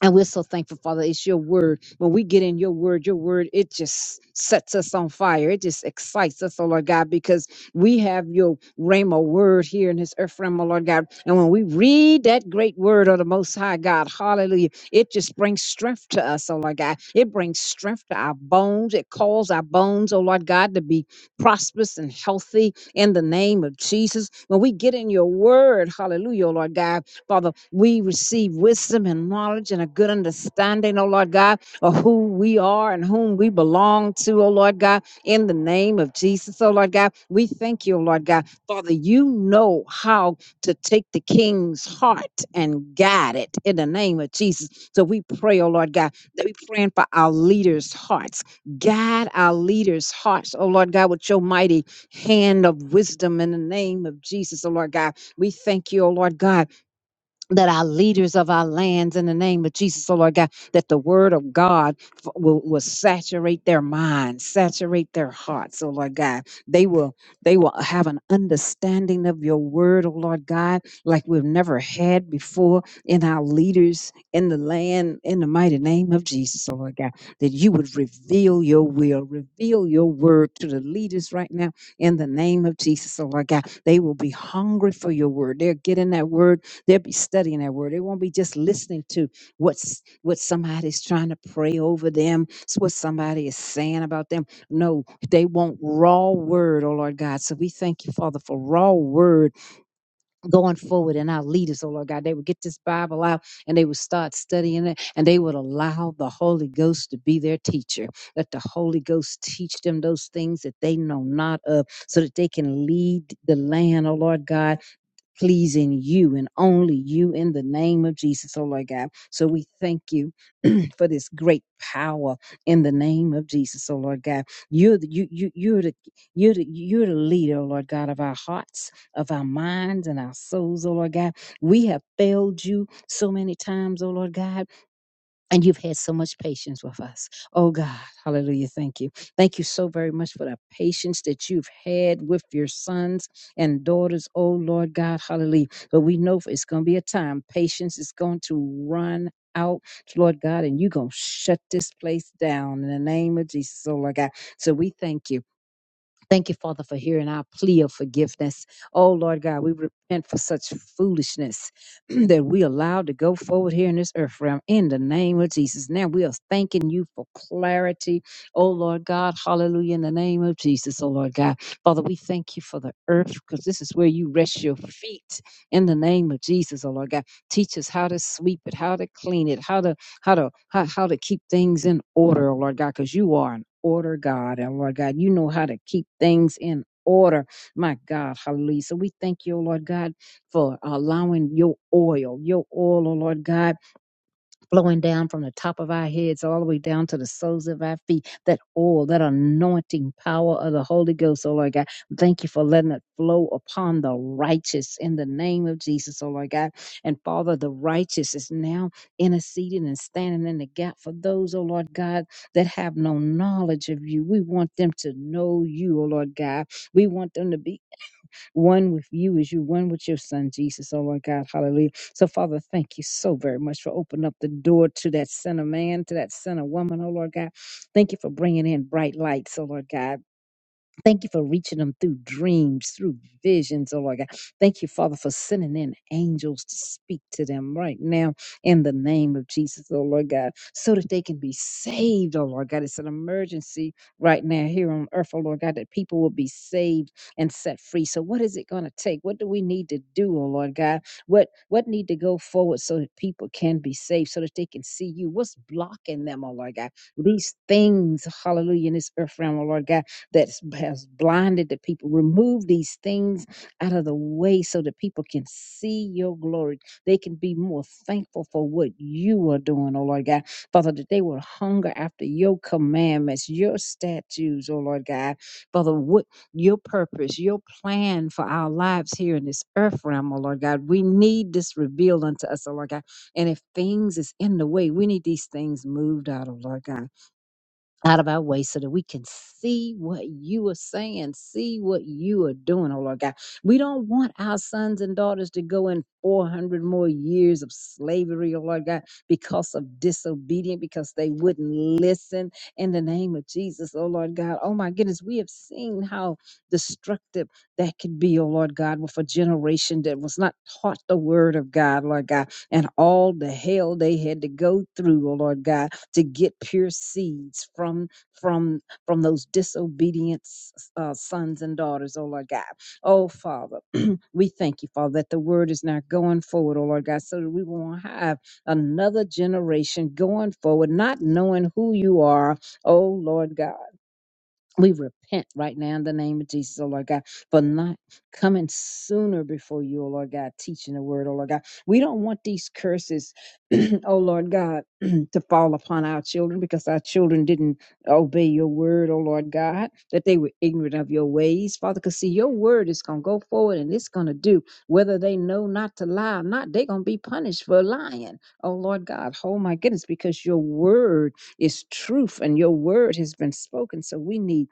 And we're so thankful, Father. It's your word. When we get in your word, your word, it just sets us on fire. It just excites us, oh Lord God, because we have your Rhema word here in this earth realm, oh Lord God. And when we read that great word of the Most High God, hallelujah, it just brings strength to us, oh Lord God. It brings strength to our bones. It calls our bones, oh Lord God, to be prosperous and healthy in the name of Jesus. When we get in your word, hallelujah, oh Lord God, Father, we receive wisdom and knowledge and a good understanding, oh Lord God, of who we are and whom we belong to, oh Lord God, in the name of Jesus, oh Lord God. We thank you, oh Lord God. Father, you know how to take the king's heart and guide it in the name of Jesus. So we pray, oh Lord God, that we praying for our leaders' hearts. Guide our leaders' hearts, oh Lord God, with your mighty hand of wisdom in the name of Jesus, oh Lord God. We thank you, oh Lord God that our leaders of our lands in the name of Jesus, oh Lord God, that the word of God f- will, will saturate their minds, saturate their hearts, oh Lord God. They will they will have an understanding of your word, oh Lord God, like we've never had before in our leaders in the land, in the mighty name of Jesus, oh Lord God, that you would reveal your will, reveal your word to the leaders right now in the name of Jesus, oh Lord God. They will be hungry for your word. They'll get in that word They'll be studying that word. They won't be just listening to what's what somebody's trying to pray over them, s- what somebody is saying about them. No, they want raw word, oh Lord God. So we thank you, Father, for raw word going forward in our leaders, oh Lord God. They would get this Bible out and they would start studying it and they would allow the Holy Ghost to be their teacher. Let the Holy Ghost teach them those things that they know not of so that they can lead the land, oh Lord God pleasing you and only you in the name of Jesus, oh Lord God. So we thank you for this great power in the name of Jesus, oh Lord God. You're the, you, you, you're the, you're the, you're the leader, oh Lord God, of our hearts, of our minds and our souls, oh Lord God. We have failed you so many times, oh Lord God and you've had so much patience with us. Oh God, hallelujah. Thank you. Thank you so very much for the patience that you've had with your sons and daughters. Oh Lord God, hallelujah. But we know it's going to be a time. Patience is going to run out, Lord God, and you're going to shut this place down in the name of Jesus. Oh Lord God. So we thank you. Thank you, Father, for hearing our plea of forgiveness. Oh, Lord God, we repent for such foolishness that we allowed to go forward here in this earth realm in the name of Jesus. Now we are thanking you for clarity. Oh, Lord God, hallelujah, in the name of Jesus. Oh, Lord God, Father, we thank you for the earth because this is where you rest your feet in the name of Jesus. Oh, Lord God, teach us how to sweep it, how to clean it, how to how to how, how to keep things in order, oh Lord God, because you are an order God, and Lord God, you know how to keep things in order, my God, hallelujah. So we thank you, oh Lord God, for allowing your oil, your oil, oh Lord God flowing down from the top of our heads all the way down to the soles of our feet. That oil, that anointing power of the Holy Ghost, oh Lord God. Thank you for letting it flow upon the righteous in the name of Jesus, oh Lord God. And Father, the righteous is now interceding and standing in the gap for those, oh Lord God, that have no knowledge of you. We want them to know you, oh Lord God. We want them to be one with you as you one with your son, Jesus. Oh, my God. Hallelujah. So, Father, thank you so very much for opening up the door to that sinner man, to that sinner woman, oh, Lord God. Thank you for bringing in bright lights, oh, Lord God. Thank you for reaching them through dreams, through visions, oh Lord God. Thank you, Father, for sending in angels to speak to them right now in the name of Jesus, oh Lord God, so that they can be saved, oh Lord God. It's an emergency right now here on earth, oh Lord God, that people will be saved and set free. So what is it going to take? What do we need to do, oh Lord God? What what need to go forward so that people can be saved, so that they can see you? What's blocking them, oh Lord God? These things, hallelujah, in this earth realm, oh Lord God that has blinded the people. Remove these things out of the way so that people can see your glory. They can be more thankful for what you are doing, oh Lord God. Father, that they will hunger after your commandments, your statutes, oh Lord God. Father, what your purpose, your plan for our lives here in this earth realm, oh Lord God. We need this revealed unto us, oh Lord God. And if things is in the way, we need these things moved out, oh Lord God out of our way so that we can see what you are saying, see what you are doing, oh Lord God. We don't want our sons and daughters to go in 400 more years of slavery, oh Lord God, because of disobedience, because they wouldn't listen in the name of Jesus, oh Lord God. Oh my goodness, we have seen how destructive that could be, oh Lord God, with a generation that was not taught the word of God, Lord God, and all the hell they had to go through, oh Lord God to get pure seeds from from from those disobedient s- uh, sons and daughters, oh Lord God. Oh Father, we thank you, Father, that the word is now going forward, oh Lord God, so that we won't have another generation going forward, not knowing who you are, oh Lord God. We repent right now in the name of Jesus, oh Lord God, for not coming sooner before you, oh Lord God, teaching the word, oh Lord God. We don't want these curses, oh Lord God, to fall upon our children because our children didn't obey your word, oh Lord God, that they were ignorant of your ways, Father. Because see, your word is going to go forward and it's going to do whether they know not to lie or not, they're going to be punished for lying, oh Lord God. Oh my goodness, because your word is truth and your word has been spoken. So we need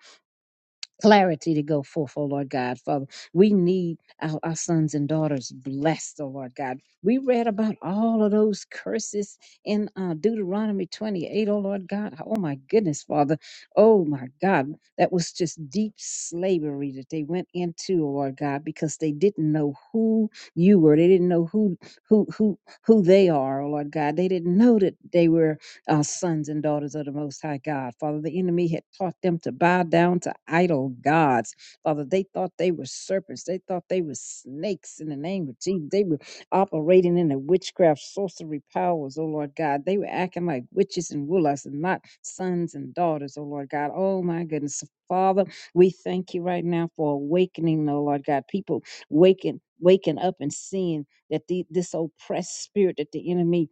clarity to go forth, oh Lord God. Father, we need our, our sons and daughters blessed, oh Lord God. We read about all of those curses in uh, Deuteronomy 28, oh Lord God. Oh my goodness, Father. Oh my God. That was just deep slavery that they went into, oh Lord God, because they didn't know who you were. They didn't know who who who who they are, oh Lord God. They didn't know that they were uh, sons and daughters of the Most High God. Father, the enemy had taught them to bow down to idol gods. Father, they thought they were serpents. They thought they were snakes in the name of Jesus. They were operating in the witchcraft, sorcery powers, oh Lord God. They were acting like witches and warlocks and not sons and daughters, oh Lord God. Oh my goodness. So, Father, we thank you right now for awakening, oh Lord God. People waking, waking up and seeing that the, this oppressed spirit that the enemy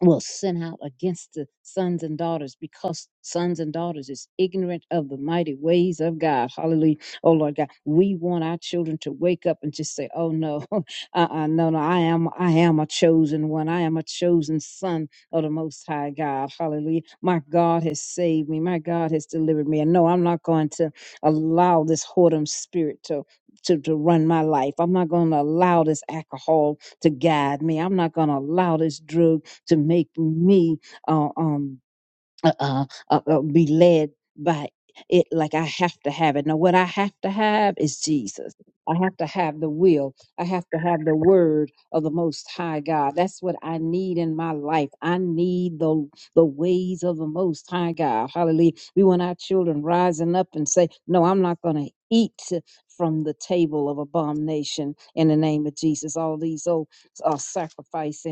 will send out against the sons and daughters because sons and daughters is ignorant of the mighty ways of God. Hallelujah. Oh Lord God, we want our children to wake up and just say, Oh no, uh-uh, no, no, I am I am a chosen one. I am a chosen son of the most high God. Hallelujah. My God has saved me. My God has delivered me. And no, I'm not going to allow this whoredom spirit to to, to run my life. I'm not going to allow this alcohol to guide me. I'm not going to allow this drug to make me uh, um, uh, uh, uh, uh, be led by it like I have to have it. Now, what I have to have is Jesus. I have to have the will. I have to have the word of the Most High God. That's what I need in my life. I need the the ways of the Most High God. Hallelujah. We want our children rising up and say, "No, I'm not going to eat from the table of abomination." In the name of Jesus, all these old uh, sacrifice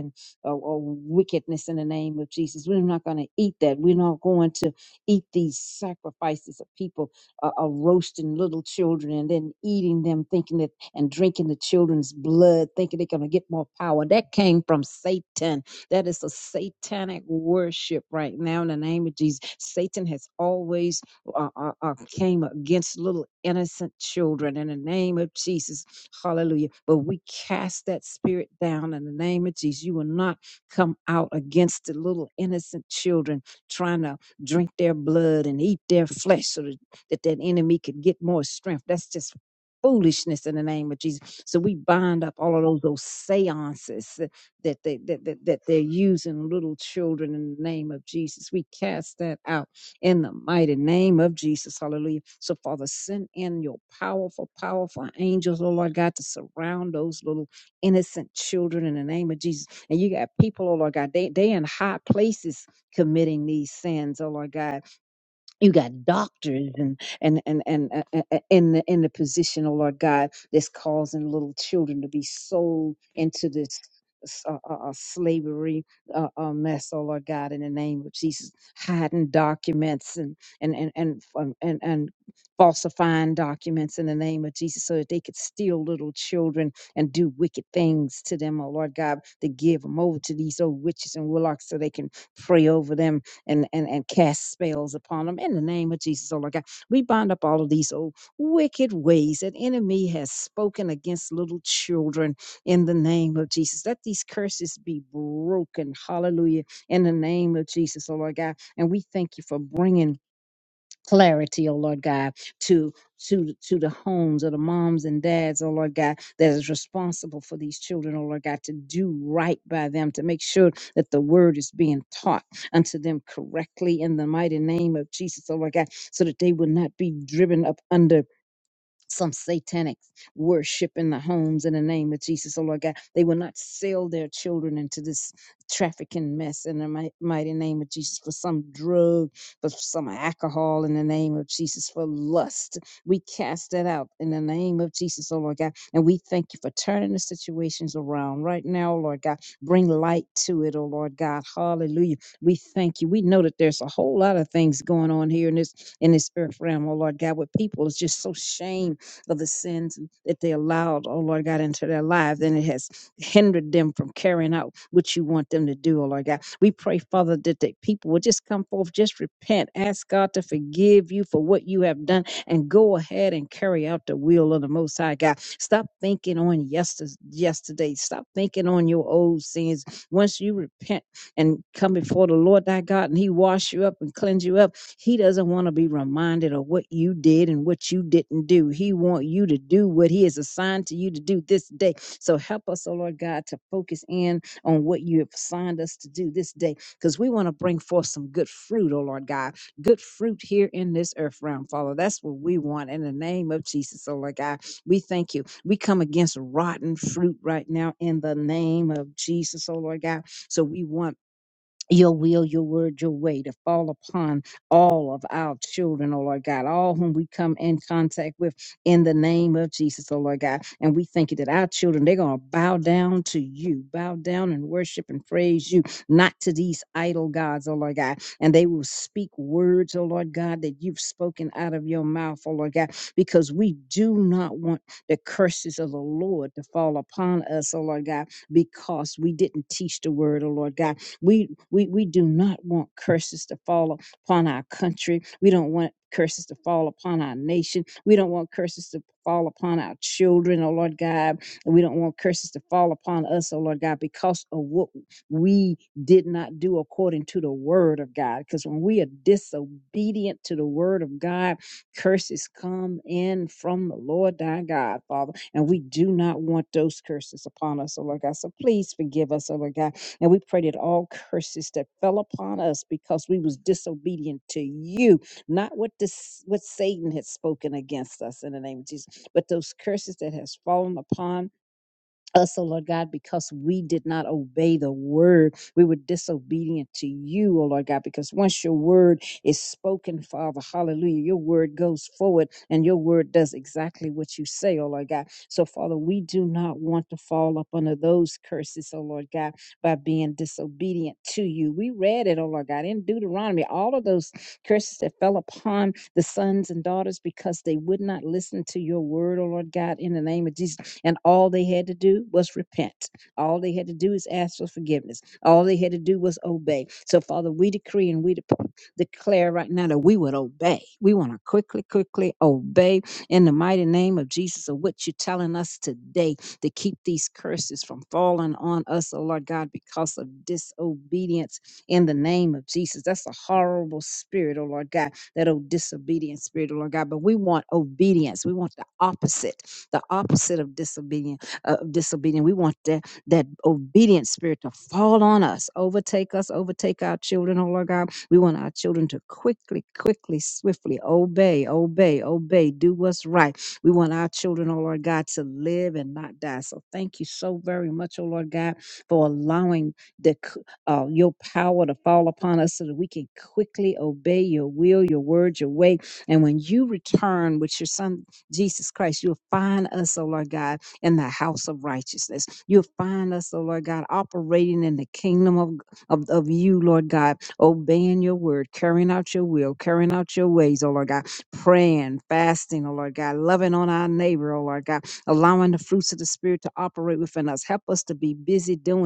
or, or wickedness in the name of Jesus. We're not going to eat that. We're not going to eat these sacrifices of people uh, uh, roasting little children and then eating them, thinking that and drinking the children's blood, thinking they're going to get more power. That came from Satan. That is a satanic worship right now in the name of Jesus. Satan has always uh, uh, uh, came against little innocent children in the name of Jesus Hallelujah. But we cast that spirit down in the name of Jesus. You will not come out against the little innocent children trying to drink their blood and eat their flesh so that that, that enemy could get more strength. That's just foolishness in the name of Jesus. So we bind up all of those those seances that that they that, that, that they're using little children in the name of Jesus. We cast that out in the mighty name of Jesus. Hallelujah. So, Father, send in your powerful, powerful angels, oh Lord God, to surround those little innocent children in the name of Jesus. And you got people, oh Lord God, they they in high places committing these sins, oh Lord God you got doctors and and and and uh, uh, uh, in the in the position, oh Lord God, that's causing little children to be sold into this uh, uh, uh, slavery uh, uh, mess, oh Lord God, in the name of Jesus, hiding documents and and and and um, and, and falsifying documents in the name of Jesus, so that they could steal little children and do wicked things to them, oh Lord God, to give them over to these old witches and warlocks, so they can pray over them and, and, and cast spells upon them in the name of Jesus, oh Lord God. We bind up all of these old wicked ways that enemy has spoken against little children in the name of Jesus. Let these curses be broken. Hallelujah. In the name of Jesus, oh Lord God. And we thank you for bringing clarity, oh Lord God, to to to the homes of the moms and dads, oh Lord God, that is responsible for these children, oh Lord God, to do right by them, to make sure that the word is being taught unto them correctly in the mighty name of Jesus, oh Lord God, so that they will not be driven up under some satanic worship in the homes in the name of Jesus, oh Lord God. They will not sell their children into this trafficking mess in the mi- mighty name of Jesus for some drug, for some alcohol in the name of Jesus, for lust. We cast that out in the name of Jesus, oh Lord God. And we thank you for turning the situations around right now, oh Lord God. Bring light to it, oh Lord God. Hallelujah. We thank you. We know that there's a whole lot of things going on here in this in this earth realm, oh Lord God, where people is just so shamed of the sins that they allowed, oh Lord God, into their lives, and it has hindered them from carrying out what you want them to do, oh Lord God. We pray, Father, that the people will just come forth, just repent, ask God to forgive you for what you have done, and go ahead and carry out the will of the Most High God. Stop thinking on yester- yesterday. Stop thinking on your old sins. Once you repent and come before the Lord thy God, and He wash you up and cleanse you up, he doesn't want to be reminded of what you did and what you didn't do. He want you to do what he has assigned to you to do this day. So help us, oh Lord God, to focus in on what you have assigned us to do this day because we want to bring forth some good fruit, oh Lord God. Good fruit here in this earth realm, Father. That's what we want in the name of Jesus, oh Lord God. We thank you. We come against rotten fruit right now in the name of Jesus, oh Lord God. So we want your will, your word, your way to fall upon all of our children, oh Lord God, all whom we come in contact with in the name of Jesus, oh Lord God. And we thank you that our children, they're going to bow down to you, bow down and worship and praise you, not to these idol gods, oh Lord God. And they will speak words, oh Lord God, that you've spoken out of your mouth, oh Lord God, because we do not want the curses of the Lord to fall upon us, oh Lord God, because we didn't teach the word, oh Lord God. we. We, we do not want curses to fall upon our country. We don't want curses to fall upon our nation. We don't want curses to fall upon our children, oh Lord God. And we don't want curses to fall upon us, oh Lord God, because of what we did not do according to the word of God. Because when we are disobedient to the word of God, curses come in from the Lord thy God, Father. And we do not want those curses upon us, oh Lord God. So please forgive us, oh Lord God and we pray that all curses that fell upon us because we was disobedient to you, not what this what Satan had spoken against us in the name of Jesus, but those curses that has fallen upon us, oh Lord God, because we did not obey the word. We were disobedient to you, oh Lord God, because once your word is spoken, Father, hallelujah, your word goes forward and your word does exactly what you say, oh Lord God. So, Father, we do not want to fall up under those curses, oh Lord God, by being disobedient to you. We read it, oh Lord God, in Deuteronomy, all of those curses that fell upon the sons and daughters because they would not listen to your word, oh Lord God, in the name of Jesus. And all they had to do was repent. All they had to do is ask for forgiveness. All they had to do was obey. So, Father, we decree and we de- declare right now that we would obey. We want to quickly, quickly obey in the mighty name of Jesus of what you're telling us today to keep these curses from falling on us, oh Lord God, because of disobedience in the name of Jesus. That's a horrible spirit, oh Lord God, that old disobedient spirit, oh Lord God. But we want obedience. We want the opposite, the opposite of disobedient. Uh, of disobedient. We want that that obedient spirit to fall on us, overtake us, overtake our children, oh Lord God. We want our children to quickly, quickly, swiftly obey, obey, obey, do what's right. We want our children, oh Lord God, to live and not die. So thank you so very much, oh Lord God, for allowing the uh, your power to fall upon us so that we can quickly obey your will, your word, your way. And when you return with your son, Jesus Christ, you'll find us, oh Lord God, in the house of righteousness. You'll find us, oh Lord God, operating in the kingdom of, of, of you, Lord God, obeying your word, carrying out your will, carrying out your ways, oh Lord God, praying, fasting, oh Lord God, loving on our neighbor, oh Lord God, allowing the fruits of the Spirit to operate within us. Help us to be busy doing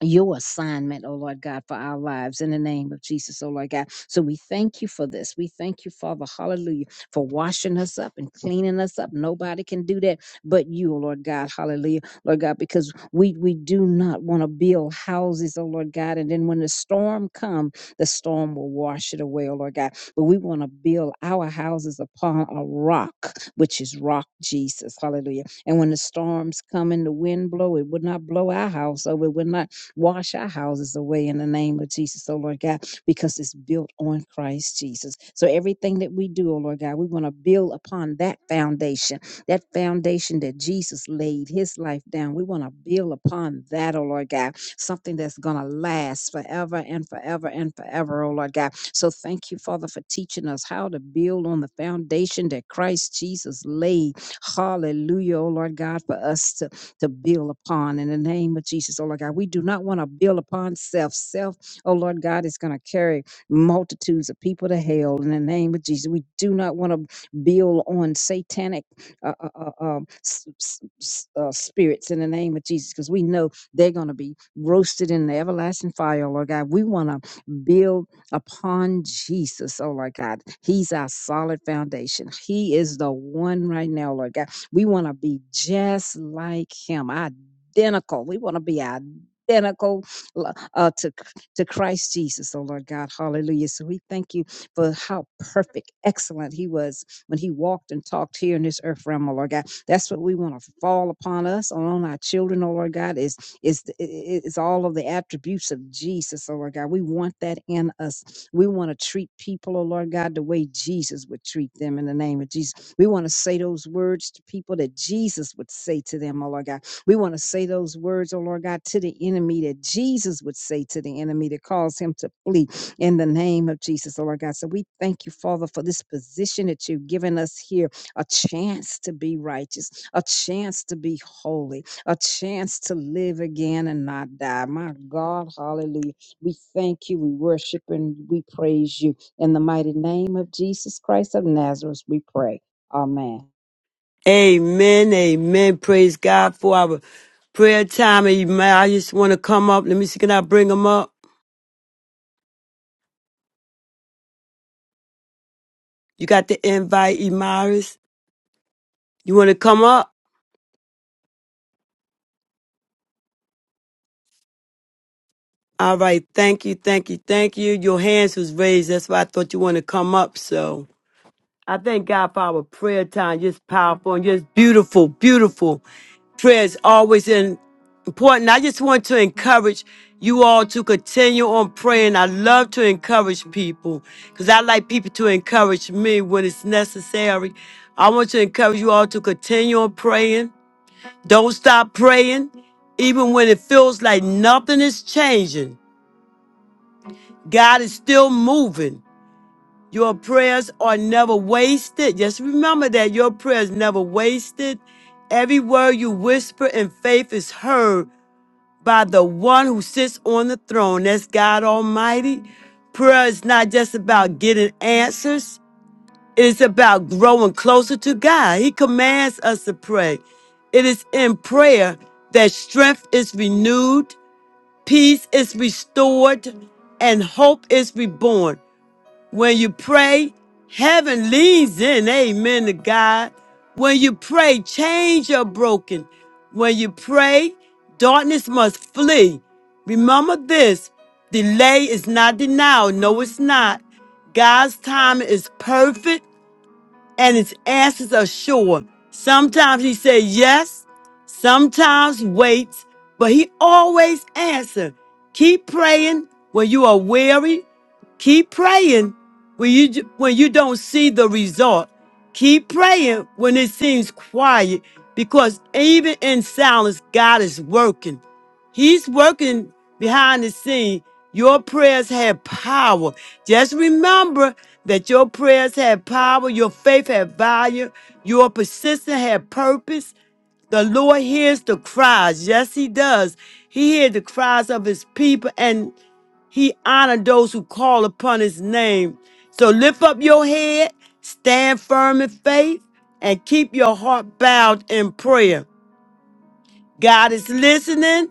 your assignment, oh Lord God, for our lives in the name of Jesus, oh Lord God. So we thank you for this. We thank you, Father, hallelujah, for washing us up and cleaning us up. Nobody can do that but you, oh Lord God, hallelujah, Lord God, because we we do not want to build houses, oh Lord God, and then when the storm comes, the storm will wash it away, oh Lord God. But we want to build our houses upon a rock, which is rock Jesus, hallelujah. And when the storms come and the wind blow, it would not blow our house over, it would not Wash our houses away in the name of Jesus, oh Lord God, because it's built on Christ Jesus. So everything that we do, oh Lord God, we want to build upon that foundation, that foundation that Jesus laid his life down. We want to build upon that, oh Lord God, something that's going to last forever and forever and forever, oh Lord God. So thank you, Father, for teaching us how to build on the foundation that Christ Jesus laid. Hallelujah, oh Lord God, for us to to build upon in the name of Jesus, oh Lord God. We do not want to build upon self. Self, oh Lord God, is going to carry multitudes of people to hell in the name of Jesus. We do not want to build on satanic uh, uh, uh, um, s- s- s- uh, spirits in the name of Jesus because we know they're going to be roasted in the everlasting fire, oh Lord God. We want to build upon Jesus, oh Lord God. He's our solid foundation. He is the one right now, Lord God we want to be just like him, identical. We want to be identical uh, to, to Christ Jesus, oh Lord God. Hallelujah. So we thank you for how perfect, excellent he was when he walked and talked here in this earth realm, oh Lord God. That's what we want to fall upon us, on our children, oh Lord God, is it's th- it's all of the attributes of Jesus, oh Lord God. We want that in us. We want to treat people, oh Lord God, the way Jesus would treat them in the name of Jesus. We want to say those words to people that Jesus would say to them, oh Lord God. We want to say those words, oh Lord God, to the enemy that Jesus would say to the enemy to cause him to flee in the name of Jesus, oh Lord God. So we thank you, Father, for this position that you've given us here a chance to be righteous, a chance to be holy a chance to live again and not die. My God, hallelujah. We thank you, we worship and we praise you. In the mighty name of Jesus Christ of Nazareth, we pray. Amen. Amen. Amen. Praise God for our prayer time. Emiris, want to come up? Let me see. Can I bring them up? You got the invite, Emiris. You want to come up? All right. Thank you. Thank you. Thank you. Your hands was raised. That's why I thought you want to come up. So. I thank God for our prayer time, just powerful and just beautiful, beautiful. Prayer is always in, important. I just want to encourage you all to continue on praying. I love to encourage people because I like people to encourage me when it's necessary. I want to encourage you all to continue on praying. Don't stop praying, even when it feels like nothing is changing. God is still moving. Your prayers are never wasted. Just remember that your prayers never wasted. Every word you whisper in faith is heard by the one who sits on the throne. That's God Almighty. Prayer is not just about getting answers, it is about growing closer to God. He commands us to pray. It is in prayer that strength is renewed, peace is restored, and hope is reborn. When you pray, heaven leans in. Amen to God. When you pray, chains are broken. When you pray, darkness must flee. Remember this delay is not denial. No, it's not. God's time is perfect and his answers are sure. Sometimes he said yes, sometimes waits, but he always answers. Keep praying when you are weary. Keep praying when you when you don't see the result. Keep praying when it seems quiet, because even in silence, God is working. He's working behind the scene. Your prayers have power. Just remember that your prayers have power, your faith have value, your persistence have purpose. The Lord hears the cries. Yes, He does. He hears the cries of His people and He honors those who call upon His name. So lift up your head, stand firm in faith, and keep your heart bowed in prayer. God is listening.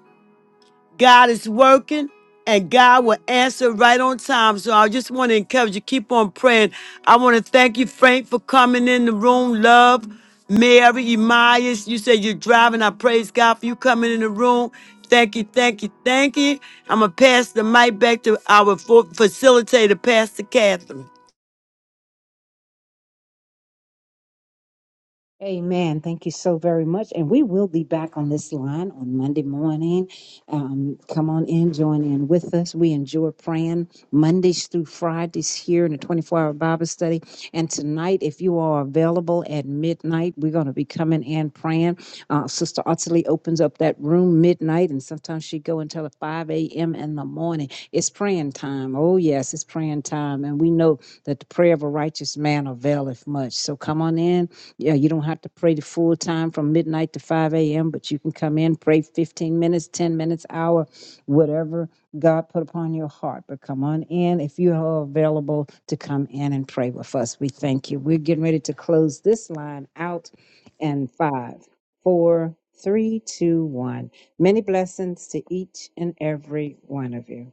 God is working and God will answer right on time. So I just want to encourage you, keep on praying. I want to thank you, Frank, for coming in the room. Love, Mary, Emias, you said you're driving. I praise God for you coming in the room. Thank you, thank you, thank you. I'm going to pass the mic back to our fo- facilitator, Pastor Catherine. Amen. Thank you so very much. And we will be back on this line on Monday morning. Um, come on in, join in with us. We enjoy praying Mondays through Fridays here in the 24 hour Bible study. And tonight, if you are available at midnight, we're going to be coming in praying. Uh, Sister Ottilie opens up that room midnight, and sometimes she go until 5 a.m. in the morning. It's praying time. Oh, yes, it's praying time. And we know that the prayer of a righteous man availeth much. So come on in yeah, you don't have to pray the full time from midnight to 5 a.m., but you can come in, pray 15 minutes, 10 minutes, hour, whatever God put upon your heart. But come on in if you are available to come in and pray with us. We thank you. We're getting ready to close this line out in five, four, three, two, one. Many blessings to each and every one of you.